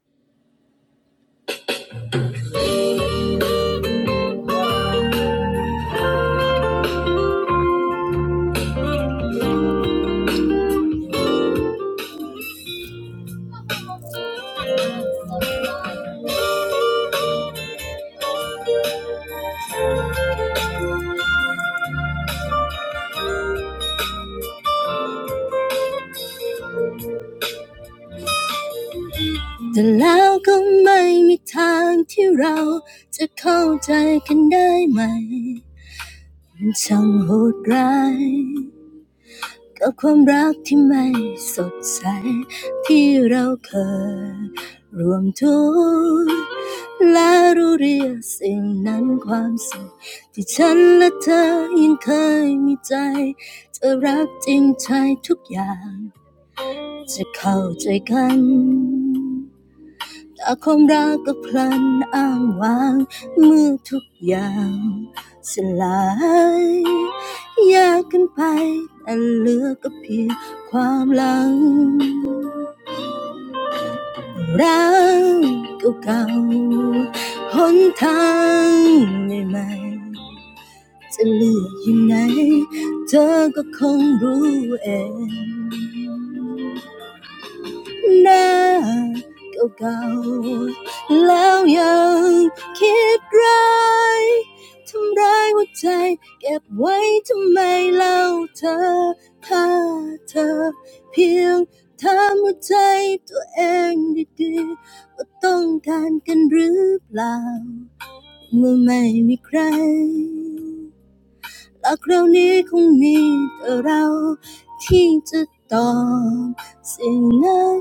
กับความรักที่ไม่สดใสที่เราเคยรวมทุกข์และรู้เรียกสิ่งนั้นความสุข อาคมรักก็พลันอ้างวางเมื่อทุกอย่าง Now, old, old. Then still thinking bad, hurting my heart. Keep it why? Tell her, if she, just hurt my heart. Self, do do. What we need? Or not? We don't have anyone. หลักเรานี้คงมีแต่เราที่จะตอบสิ่งนั้น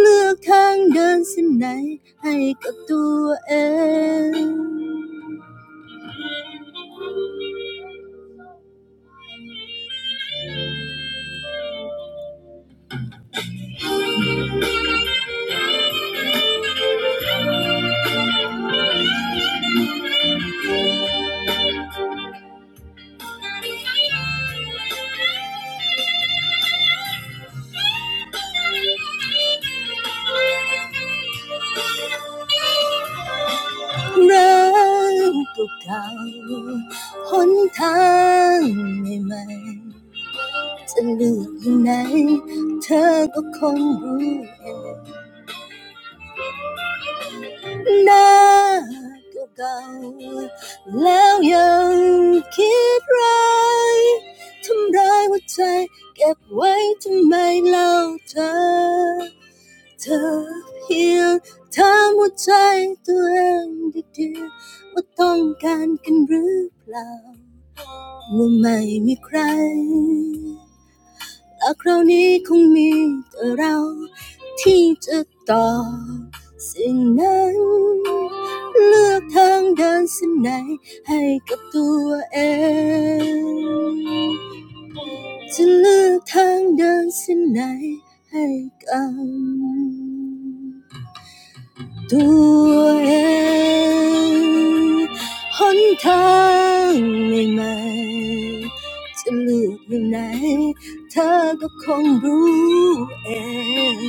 เลือกทางเดินเส้นไหนให้กับตัวเอง not to go แล้วยังคิดร้ายทำร้ายหัวใจเก็บไว้ทำไมเล่าเธอเธอเพียงถามหัวใจตัวเองดีๆว่าต้องการกันหรือเปล่าว่าไม่มีใคร แต่คราวนี้คงมีแต่เราที่จะตอบสิ่งนั้นเลือกทางเดินเส้นไหนให้กับตัวเอง ด้วยหนทางใหม่ๆจะเลือกอย่างไหนเธอก็คงรู้เอง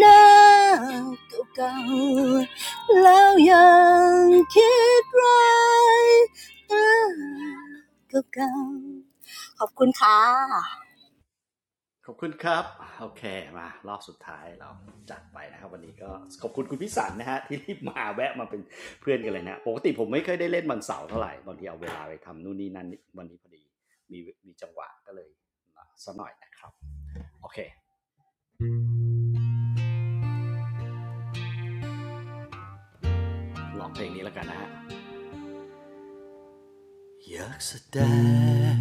หน้าเก่าๆแล้วยังคิดร้ายหน้าเก่าๆขอบคุณค่ะ
ขอบคุณครับโอเคมารอบสุดท้ายเราจัดไปนะครับวันนี้ก็ขอบคุณคุณพิสันนะฮะ ที่รีบมาแวะมาเป็นเพื่อนกันเลยนะปกติผมไม่เคยได้เล่นวันเสาร์เท่าไหร่บางทีเอาเวลาไปทำนู่นนี่นั่นวันนี้พอดีมีมีจังหวะก็เลยมาซะหน่อยนะครับโอเคลองเพลงนี้แล้วกันนะฮะ อยากแสดง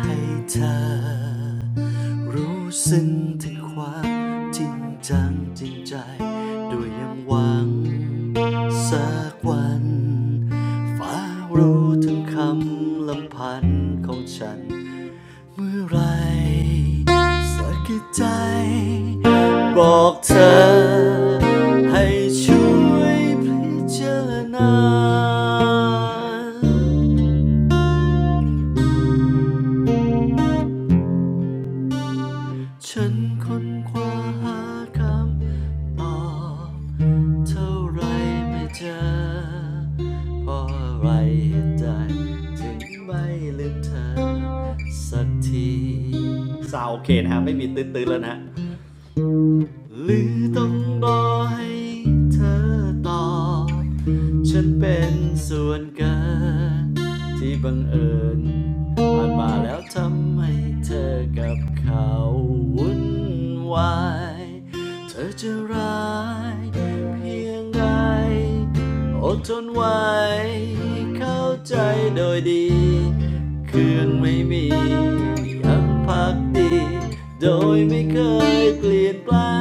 ให้เธอรู้ซึ้งถึงความจริงจังจริงใจด้วยยังหวังสักวันฟ้ารู้ถึงคำลำพันของฉันเมื่อไรสักกี่ใจบอกเธอให้ช่วยพิจารณา ฉันค้นคว้าหาคำตอบเท่าไรไม่เจอเพราะอะไรเหตุใดถึงไม่ลืมเธอสักทีสาวโอเคนะฮะไม่มีตื้นๆแล้วนะหรือต้องรอให้เธอตอบ ฉันเป็นส่วนเกินที่บังเอิญผ่านมาแล้วทำให้เธอกับเขาวุ่นวายเธอจะร้ายเพียงใดอดทนไว้เข้าใจโดยดีคืนไม่มียังพักดีโดยไม่เคยเปลี่ยนแปลง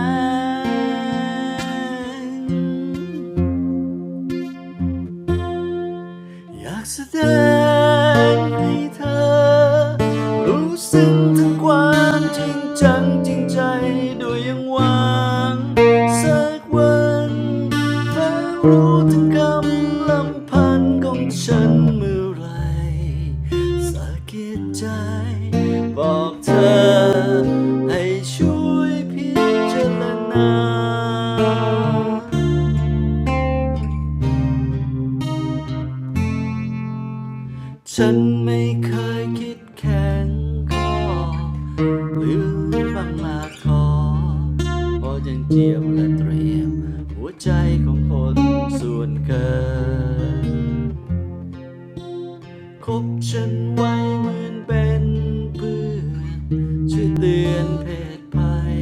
อยากแสดงให้เธอรู้สึงถึงความจริงจังจริงใจด้วยยังหวังสักวันเธอรู้ถึงกำลังพันของฉันเมื่อไหรสะกิดใจบอกเธอให้ช่วยพิจารณา ฉันไม่เคยคิดแข็งคอหรือบางลาคอเพราะยังเจียมและเตรียมหัวใจของคนส่วนเกิน คบฉันไว้เหมือนเป็นเพื่อนช่วยเตือนเพศภัย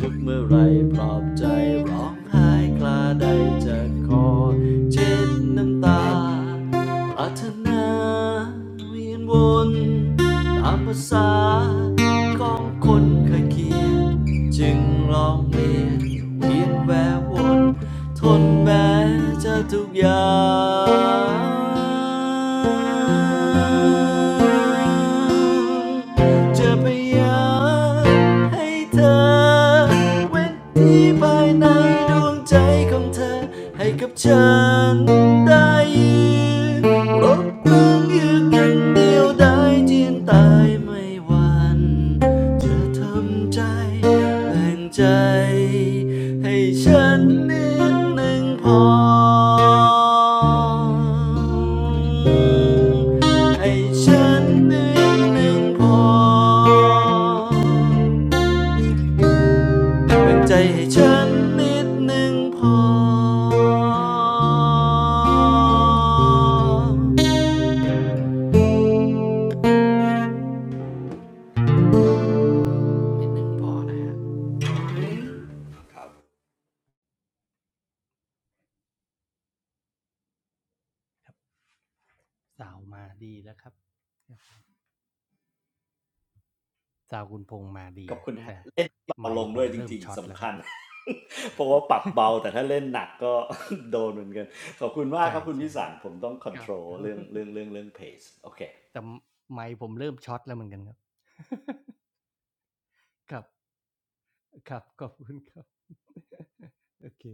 ทุกเมื่อไรปลอบใจร้องไห้คลาใดจะคอเช็ดน้ำตา ปรารถนาเวียนวนตามภาษาของคนเคยเขียนจึงลองเรียนเวียนแวววนทนแม้เจะทุกอย่างจะพยายามให้เธอเว้นที่ภายในดวงใจข ของเธอให้กับฉันได้ยืนรบกึงยู่กันเดียวได้จีนตายไม่หวันจะทำใจแบ่งใจให้ฉันนิดหนึ่งพอ ให้ฉันนิดหนึ่งพอ เป็นใจให้ฉันนิดหนึ่งพอนิดหนึ่งพอนะฮะครับ
สาวมาดีแล้วครับสาวคุณพงษ์มาดี
ขอบคุณฮะ
แต่
เล่นเบา
ไม
ลง
ค์ผ
ด้ว
ม
ยจ
เริ่ม
ริง
ช็อ
ๆ
ตแล้ว
สำ
ค
คั
รับ
ญ เพราะว่าปรับเบาแต่ถ้าเล่นหนักก็ โดนเหมือนกันขอบคุณมาก
ใช่
ครับคุณพิ
ใช่
สารผมต้องคอน
ค
โท
รับ
รล
ครับ
เรื่องเรื่องเรื่องเรื่องเพจโอเค
แต่ไมค์ผมเริ่มช็อตแล้วเหมือนกันครับครับครับขอบคุณครับโอเค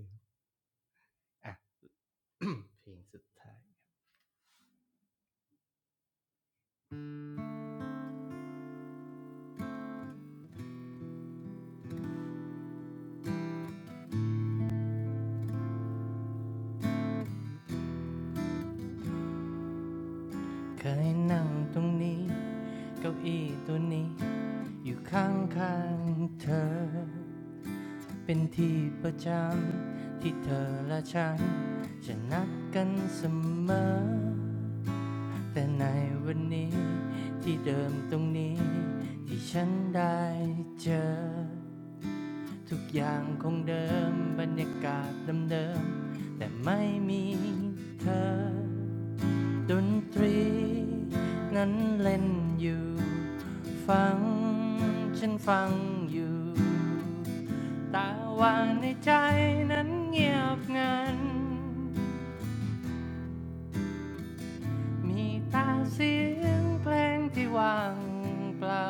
อ่ะ เพลงสุดท้ายเคยนั่งตรงนี้เก้าอี้ตัวนี้ อยู่ข้างข้างเธอเป็นที่ประจำที่เธอและฉันจะนัดกันเสมอแต่ในวันนี้ที่เดิมตรงนี้ที่ฉันได้เจอทุกอย่างคงเดิมบรรยากาศเดิมๆแต่ไม่มีเธอ ดนตรีนั้นเล่นอยู่ ฟังฉันฟังอยู่แตาว่าในใจนั้นเงียบงันมีแตาเสียงเพลงที่ว่างเปล่า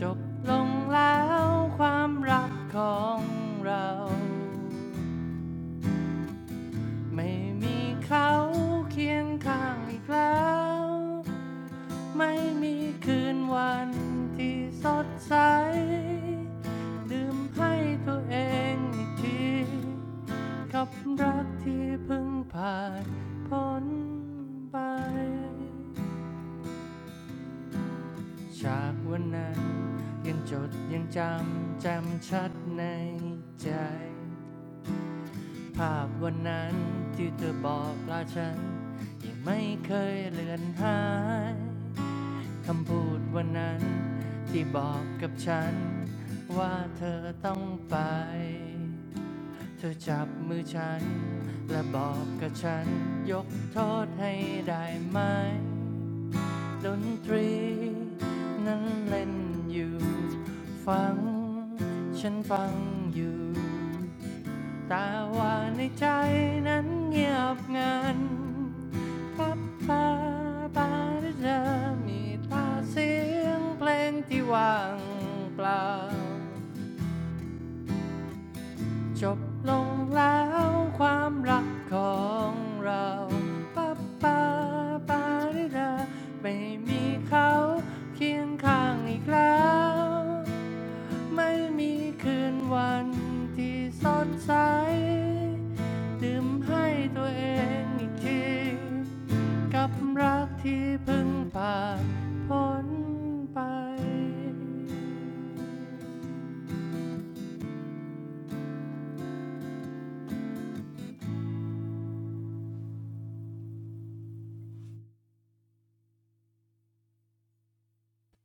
จบลงแล้วความรักของเรา ไม่มีเขาเคียงข้างอีกแล้ว ไม่มีคืนวันที่สดใสดื่มให้ตัวเองอีกทีกับรักที่เพิ่งผ่านพ้นไปจากวันนั้นยังจดยังจำแจำชัดในใจภาพวันนั้นที่เธอบอกลาฉันยังไม่เคยเลือนหาย คำพูดวันนั้นที่บอกกับฉันว่าเธอต้องไปเธอจับมือฉันและบอกกับฉันยกโทษให้ได้ไหมดนตรีนั้นเล่นอยู่ฟังฉันฟังอยู่ แต่ว่าในใจนั้นเงียบงันพับตาบาดี่เธอมีตาเสียงเพลงที่ว่างเปล่า จบลงแล้วความรักของเราปับปาปาริดาไม่มีเขาเคียงข้างอีกแล้ว ไม่มีคืนวันที่สดใสดื่มให้ตัวเองอีกทีกับรักที่เพิ่งผ่านพ้นไป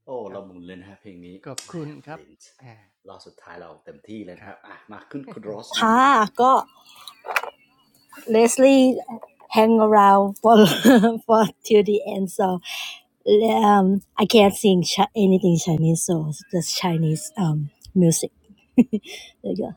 โอ้
ครั
เรา
บ
หมุนเลยนะฮะเพลงนี้
ขอบคุณครับ
ลิน
อ่า
รอบสุดท้ายเราเต็มที่เลย
ค
นะ
รั
ค
บ
รับอ่ะมาขึ้นคุณโรสนะ
ค่ะ Leslie hang around for for till the end, so um, I can't sing chi- anything Chinese, so just Chinese um music. there you go.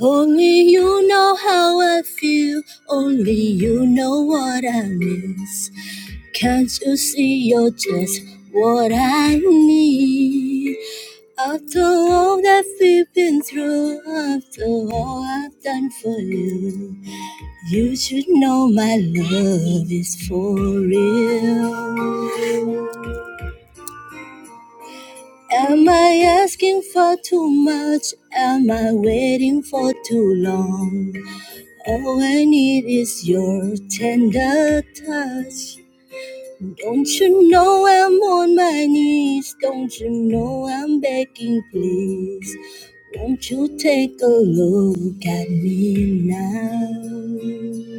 Only you know how I feel. Only you know what I miss. Can't you see you're just what I need? After all that we've been through, after all I've done for you. You should know my love is for real. Am I asking for too much? Am I waiting for too long? All I need is your tender touch. Don't you know I'm on my knees? Don't you know I'm begging, please? Won't you take a look at me now?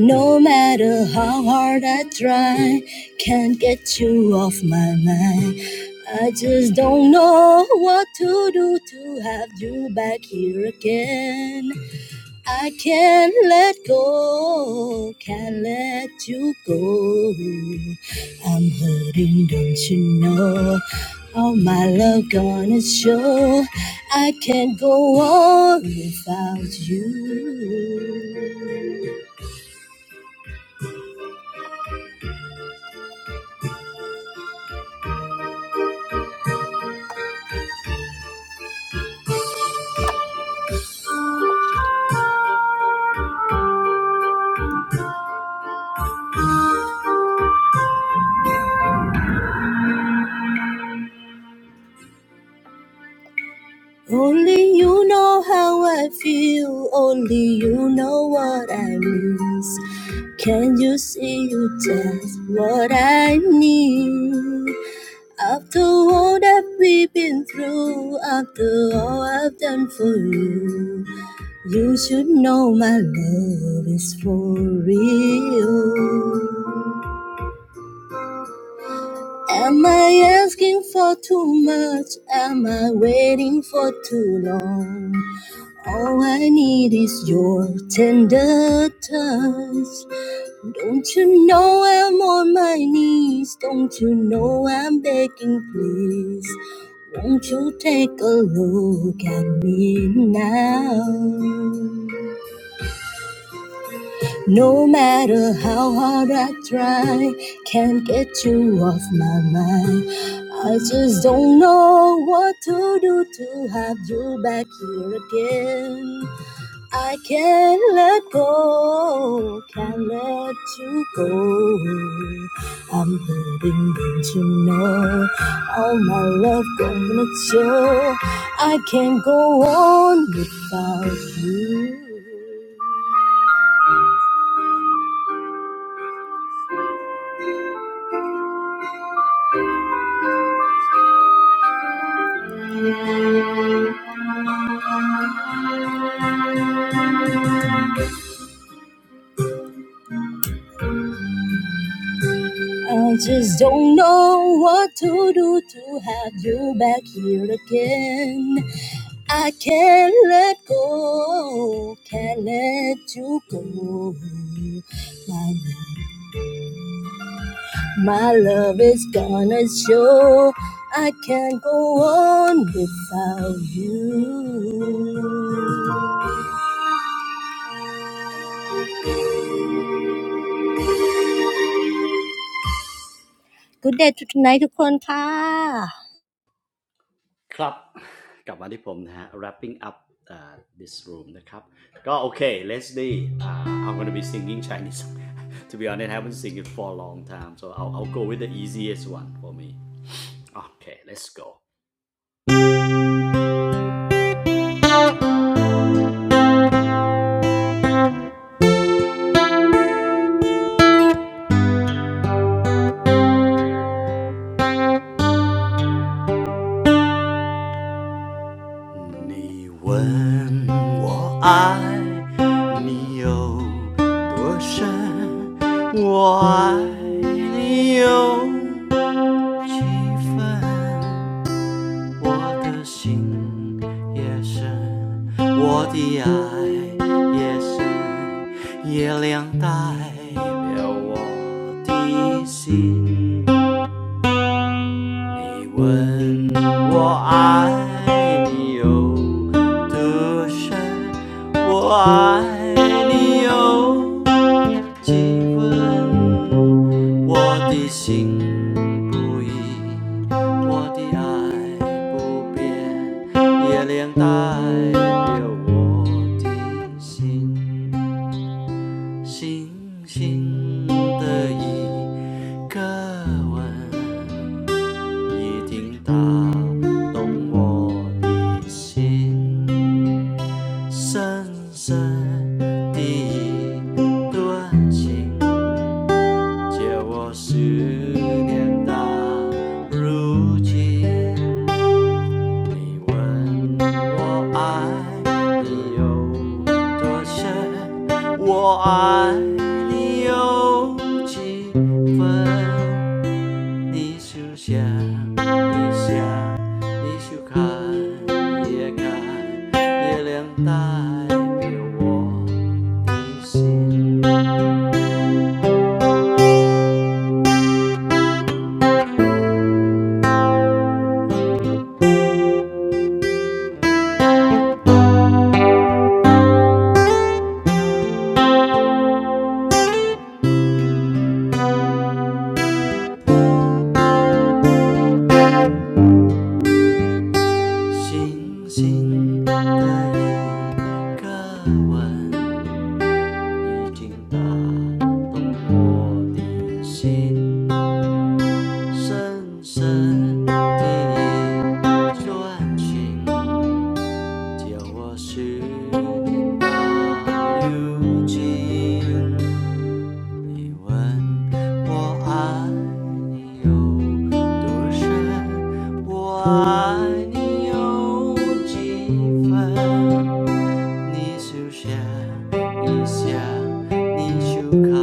No matter how hard I try, can't get you off my mind. I just don't know what to do to have you back here again. I can't let go, can't let you go. I'm hurting, don't you know? All my love gonna show. I can't go on without you. Only you know how I feel, only you know what I miss. Can you see you just what I need? After all that we've been through, after all I've done for you, you should know my love is for real. Am I asking for too much? Am I waiting for too long? All I need is your tender touch. Don't you know I'm on my knees? Don't you know I'm begging, please? Won't you take a look at me now? No matter how hard I try, can't get you off my mind. I just don't know what to do to have you back here again. I can't let go, can't let you go. I'm hurting, don't you know? All my love gonna show. I can't go on without you. I just don't know what to do to have you back here again. I can't let go, can't let you go. my My love is gonna show I can't go on without you Good day to tonight ทุกคนค่ะ
ครับกลับมาที่ผมนะฮะ wrapping up uh, this room นะครับก็โอเค Leslie uh, I'm gonna be singing Chinese to be honest I haven't sing it for a long time so I'll I'll go with the easiest one for me okay let's go 你问我爱你有多深，我爱你有几分？我的心也深，我的爱也深，月亮代表我的心。你问我爱你有多深，我爱你有几分，我的心不移，我的爱不变，月亮代表我的心，星星的一个吻，一定打动我的心，深深的一段情。借我十年到如今，你问我爱你有多深，我爱你有几分？你就想，你想，你就看，也看，月亮代表我的心。星星的一个吻，已经打动我的心，深深的，一段情。叫我是大如情，你问我爱你有多深，我爱你有几分？你休想一想，你就看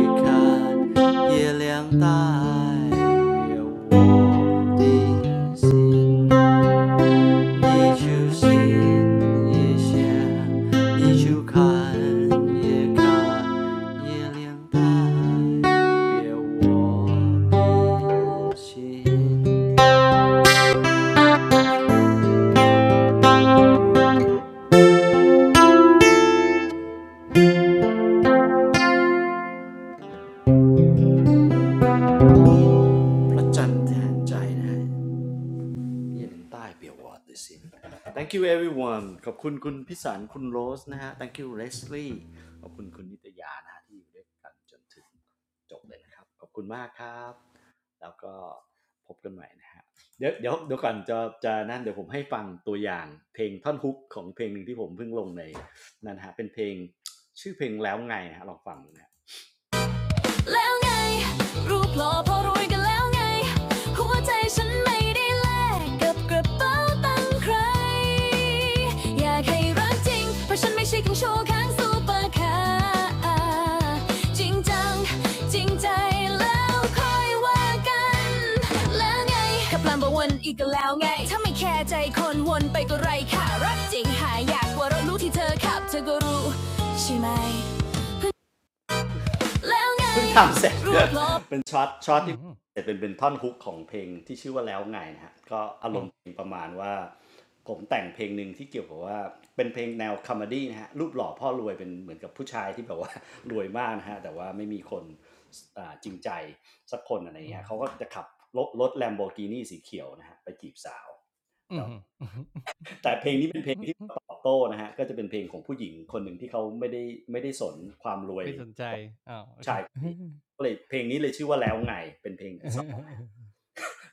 一看月亮代表我的心。你就信也信你就看也看也凉白别我变心พระจันทร์แทนใจไง เนี่ยเป็นใต้เปียววอดด้วยสิ thank you everyone ขอบคุณคุณพิสารคุณโรสนะฮะ thank you Leslie ขอบคุณคุณนิตยานะฮะที่อยู่ด้วยกันจนถึงจบเลยนะครับ ขอบคุณมากครับ แล้วก็พบกันใหม่นะฮะเดี๋ยวเดี๋ยวเดี๋ยวก่อนจะจะนั่นเดี๋ยวผมให้ฟังตัวอย่างเพลงท่อนฮุกของเพลงหนึ่งที่ผมเพิ่งลงในนั่นฮะเป็นเพลงชื่อเพลงแล้วไงนะฮะลองฟังดูนะ แล้วไงรูปหล่อพอรวยกันแล้วไง หัวใจฉันไม่ได้แลกกับกระเป๋าตังค์ใคร อยากให้รักจริงเพราะฉันไม่ใช่คังโชว์ข้างซูเปอร์คาร์จริงจังจริงใจแล้วค่อยว่ากันแล้วไงขับลำบากวนอีกแล้วไงถ้าไม่แคร์ใจคนวนไปก็ไรค่ะรักจริงหายอยากกว่ารถรู้ที่เธอขับเธอก็รู้ใช่ไหม เพิ่งทำเสร็จลเป็นช็อตช็อต
อืม
ที่
อ
เสร็จเป็นเป็นท่อนฮุกของเพลงที่ชื่อว่าแล้วไงนะฮะก็อาร
ื
ม
ม
ณ์เพลงประมาณว่าผมแต่งเพลงหนึ่งที่เกี่ยวกับว่าเป็นเพลงแนวคอมเมดี้นะฮะรูปหล่อพ่อรวยเป็นเหมือนกับผู้ชายที่แบบว่า รวยมากนะฮะแต่ว่าไม่มีคนจริงใจสักคนอะไร
อื
เงี้ย
ม
เขาก็จะขับรถรถแลมโบกินีสีเขียวนะฮะไปจีบสาว
อืมอืม
แต่เพลงนี้เป็นเพลงที่ตอบโต้นะฮะก็จะเป็นเพลงของผู้หญิงคนหนึ่งที่เขาไม่ได้ไม่ได้สนความรวย
ไม่สนใจอ้าวค
ชา
รั
ย
บ
คนนี้ก็เลยเพลงนี้เลยชื่อว่าแล้วไงเป็นเพลงที่สอง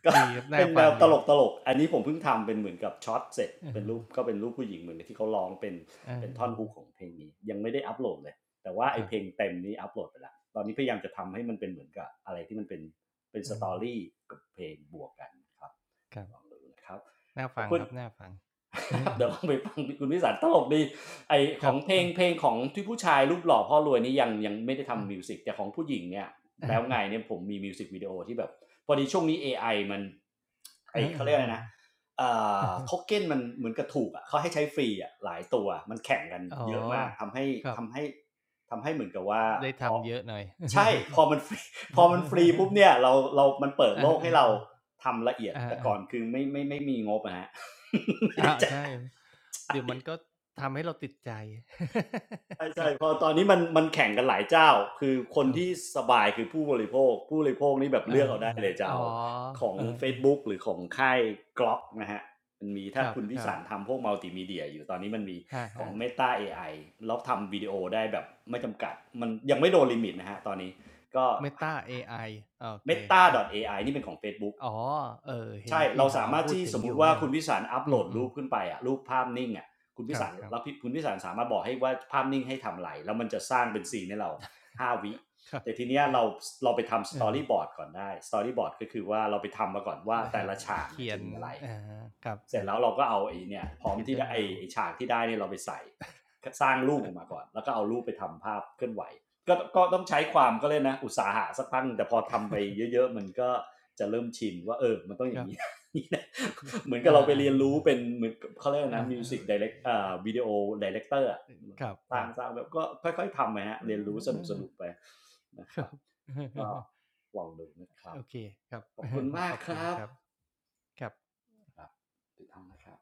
ก็
ดีครับน่า
เป็นแน
ฟัง
วต
ดีค
ล
รับ
กตลกอันนี้ผมเพิ่งทำเป็นเหมือนกับช็อตเสร็จ
อ่า
เป็นรูปก็เป็นรูปผู้หญิงเหมือนที่เขาร้องเป็น
อ
เป็นท่อนฮุกของเพลงนี้ยังไม่ได้อัปโหลดเลยแต่ว่าไอ
ครั
เพ
บ
ลงเต็มนี้อัปโหลดไปแลวตอนนี้พยายามจะทำให้มันเป็นเหมือนกับอะไรที่มันเป็นเป็นสตอรี่กับเพลงบวกกันครับ
ครับ
ลองดูนะครับ
น่า
ขอ
ฟั
บ
ง
คุ
ค
ณ
รับน่าฟังอื
เดี๋ยว
อ
ลองไปฟังคุณวิสารตลกดีไอ
ๆค
ขอ
รั
ง
บ
เพลงเพล
ๆ
งของที่ผู้ชายรูปหล่อพ่อรวยนี่ยังยังไม่ได้
อา
ทำมิวสิกแต่ของผู้หญิงเนี่ย แล้วไงเนี่ยผมมีมิวสิกวิดีโอที่แบบพอดีช่วงนี้ AI มันไอ
เอ
เขา
อ
เรียกอะไรนะเอ่อโท
ๆ
เก็นมันเหมือนกระถูกอ่ะเขาให้ใช้ฟรีอ่ะหลายตัวมันแข่งกัน
ๆอ๋อ
เยอะมากทำให้
ครับ
ทำให้ทำให้เหมือนกับว่า
ได้
พอ
ทำเยอะหน่อย
ใช่พอมันฟรี พอมันฟรีปุ๊บเนี่ยเราเรามันเปิด
เอ
โลก
อ
ให้
ๆ
เรา
ๆ
ทำละเอียด
อา
แต่ก่อน
ๆ
คือไม่ไม่ไม่มีงบนะฮะ ไม่
อา
ได้จ่าย
ใช่เดี๋ยวมันก็ทำให้เราติดใจ
ใช่
ค
ใช่
รับ
พอตอนนี้มันมันแข่งกันหลายเจ้าคือค
ค
น
รับ
ที่สบายคือผู้บริโภคผู้บริโภคนี่แบบ
เอ
เลือกเอาได้
อ
เลยจะ
ๆอ๋
เอา
อ
อ๋อของ
เออ
Facebook หรือของค่ายกล็อกนะฮะมันมี
ๆค
ถ้า
รับ
คุณ
ๆค
วิ
รับ
สารทำพวกมัลติมีเดียอยู่ตอนนี้มันมี
ครั
ของ
บ
Meta AI แล้วทำวิดีโอได้แบบไม่จำกัดมันยังไม่โดนลิมิตนะฮะตอนนี้ก็
Meta เอไอโอเคครับ
meta.ai นี่เป็นของ Facebook
อ๋อเออเห็น
ใช่
พี่
เรา
หา
สา
ว
มารถ
พูด
ที่
ถึ
ส
ง
ม
อ
มุ
ยู่
ติ
เหมือน
ว่า
กัน
คุณพิสารอัพโหลด
อื
รู
ม
ปขึ้นไปอะรูปภาพนิ่งอะคุณ
ๆค
พิ
รับ
สารแล้
ๆ
วี่คุณพิสารสามารถบอกให้ว่าภาพนิ่งให้ทำอะไรแล้วมันจะสร้างเป็นซีนให้เราห้าวิ
ครับ
แต่ทีเนี้ยเราเราไปทำส
เอ
ตอ
อ
รี่บอร์ดก่อนได้สตอรี่บอร์ดก็คือว่าเราไปทำมาก่อนว่า
นะค
แต่
รับ
ละฉากเนี่
เขี
ย
ย
จะ
น
มีอะไร
อาครับ
เส
ค
ร็จ
รับ
แล้วเราก็เอาไอ้เนี่ยพร้อม
เขียน
ที่
เรื่
ได้
อง
ไอ้
ราว
ฉากที่ได้เนี่ยเราไปใส่สร้างรูปออกมาก่อนแล้วก็เอารูปไปทำภาพเคลื่อนไหวก็ก็ต้องใช้ความก็เลยนะอุตสาหะสักพักแต่พอทำไปเยอะๆมันก็จะเริ่มชินว่าเออมันต้อง อ
ค
ย่าง
รับ
นี้ นี่นะ
ที่
เหมือน กับ
อา
เราไป
ๆอ
เรียนรู้เป็นเหมือนกับเขาเรียก
า
นะมิ
เอ
วสิกดีเรก
อ
อ่าวิดีโอดีเรกเตอร์อะ
ครับๆ
ส
ค
ร้าง
รับ
สร้างแบบก็ค่อยๆทำไปฮะเรียนรู้สนุกสนุกๆไปนะครับก็ ลองดูนะครับ
โอเคครับ
ขอบคุณ มา
ข
ก
อบ
ค
คุณ
รับ
ครับครับ
ครับติดตามนะครับ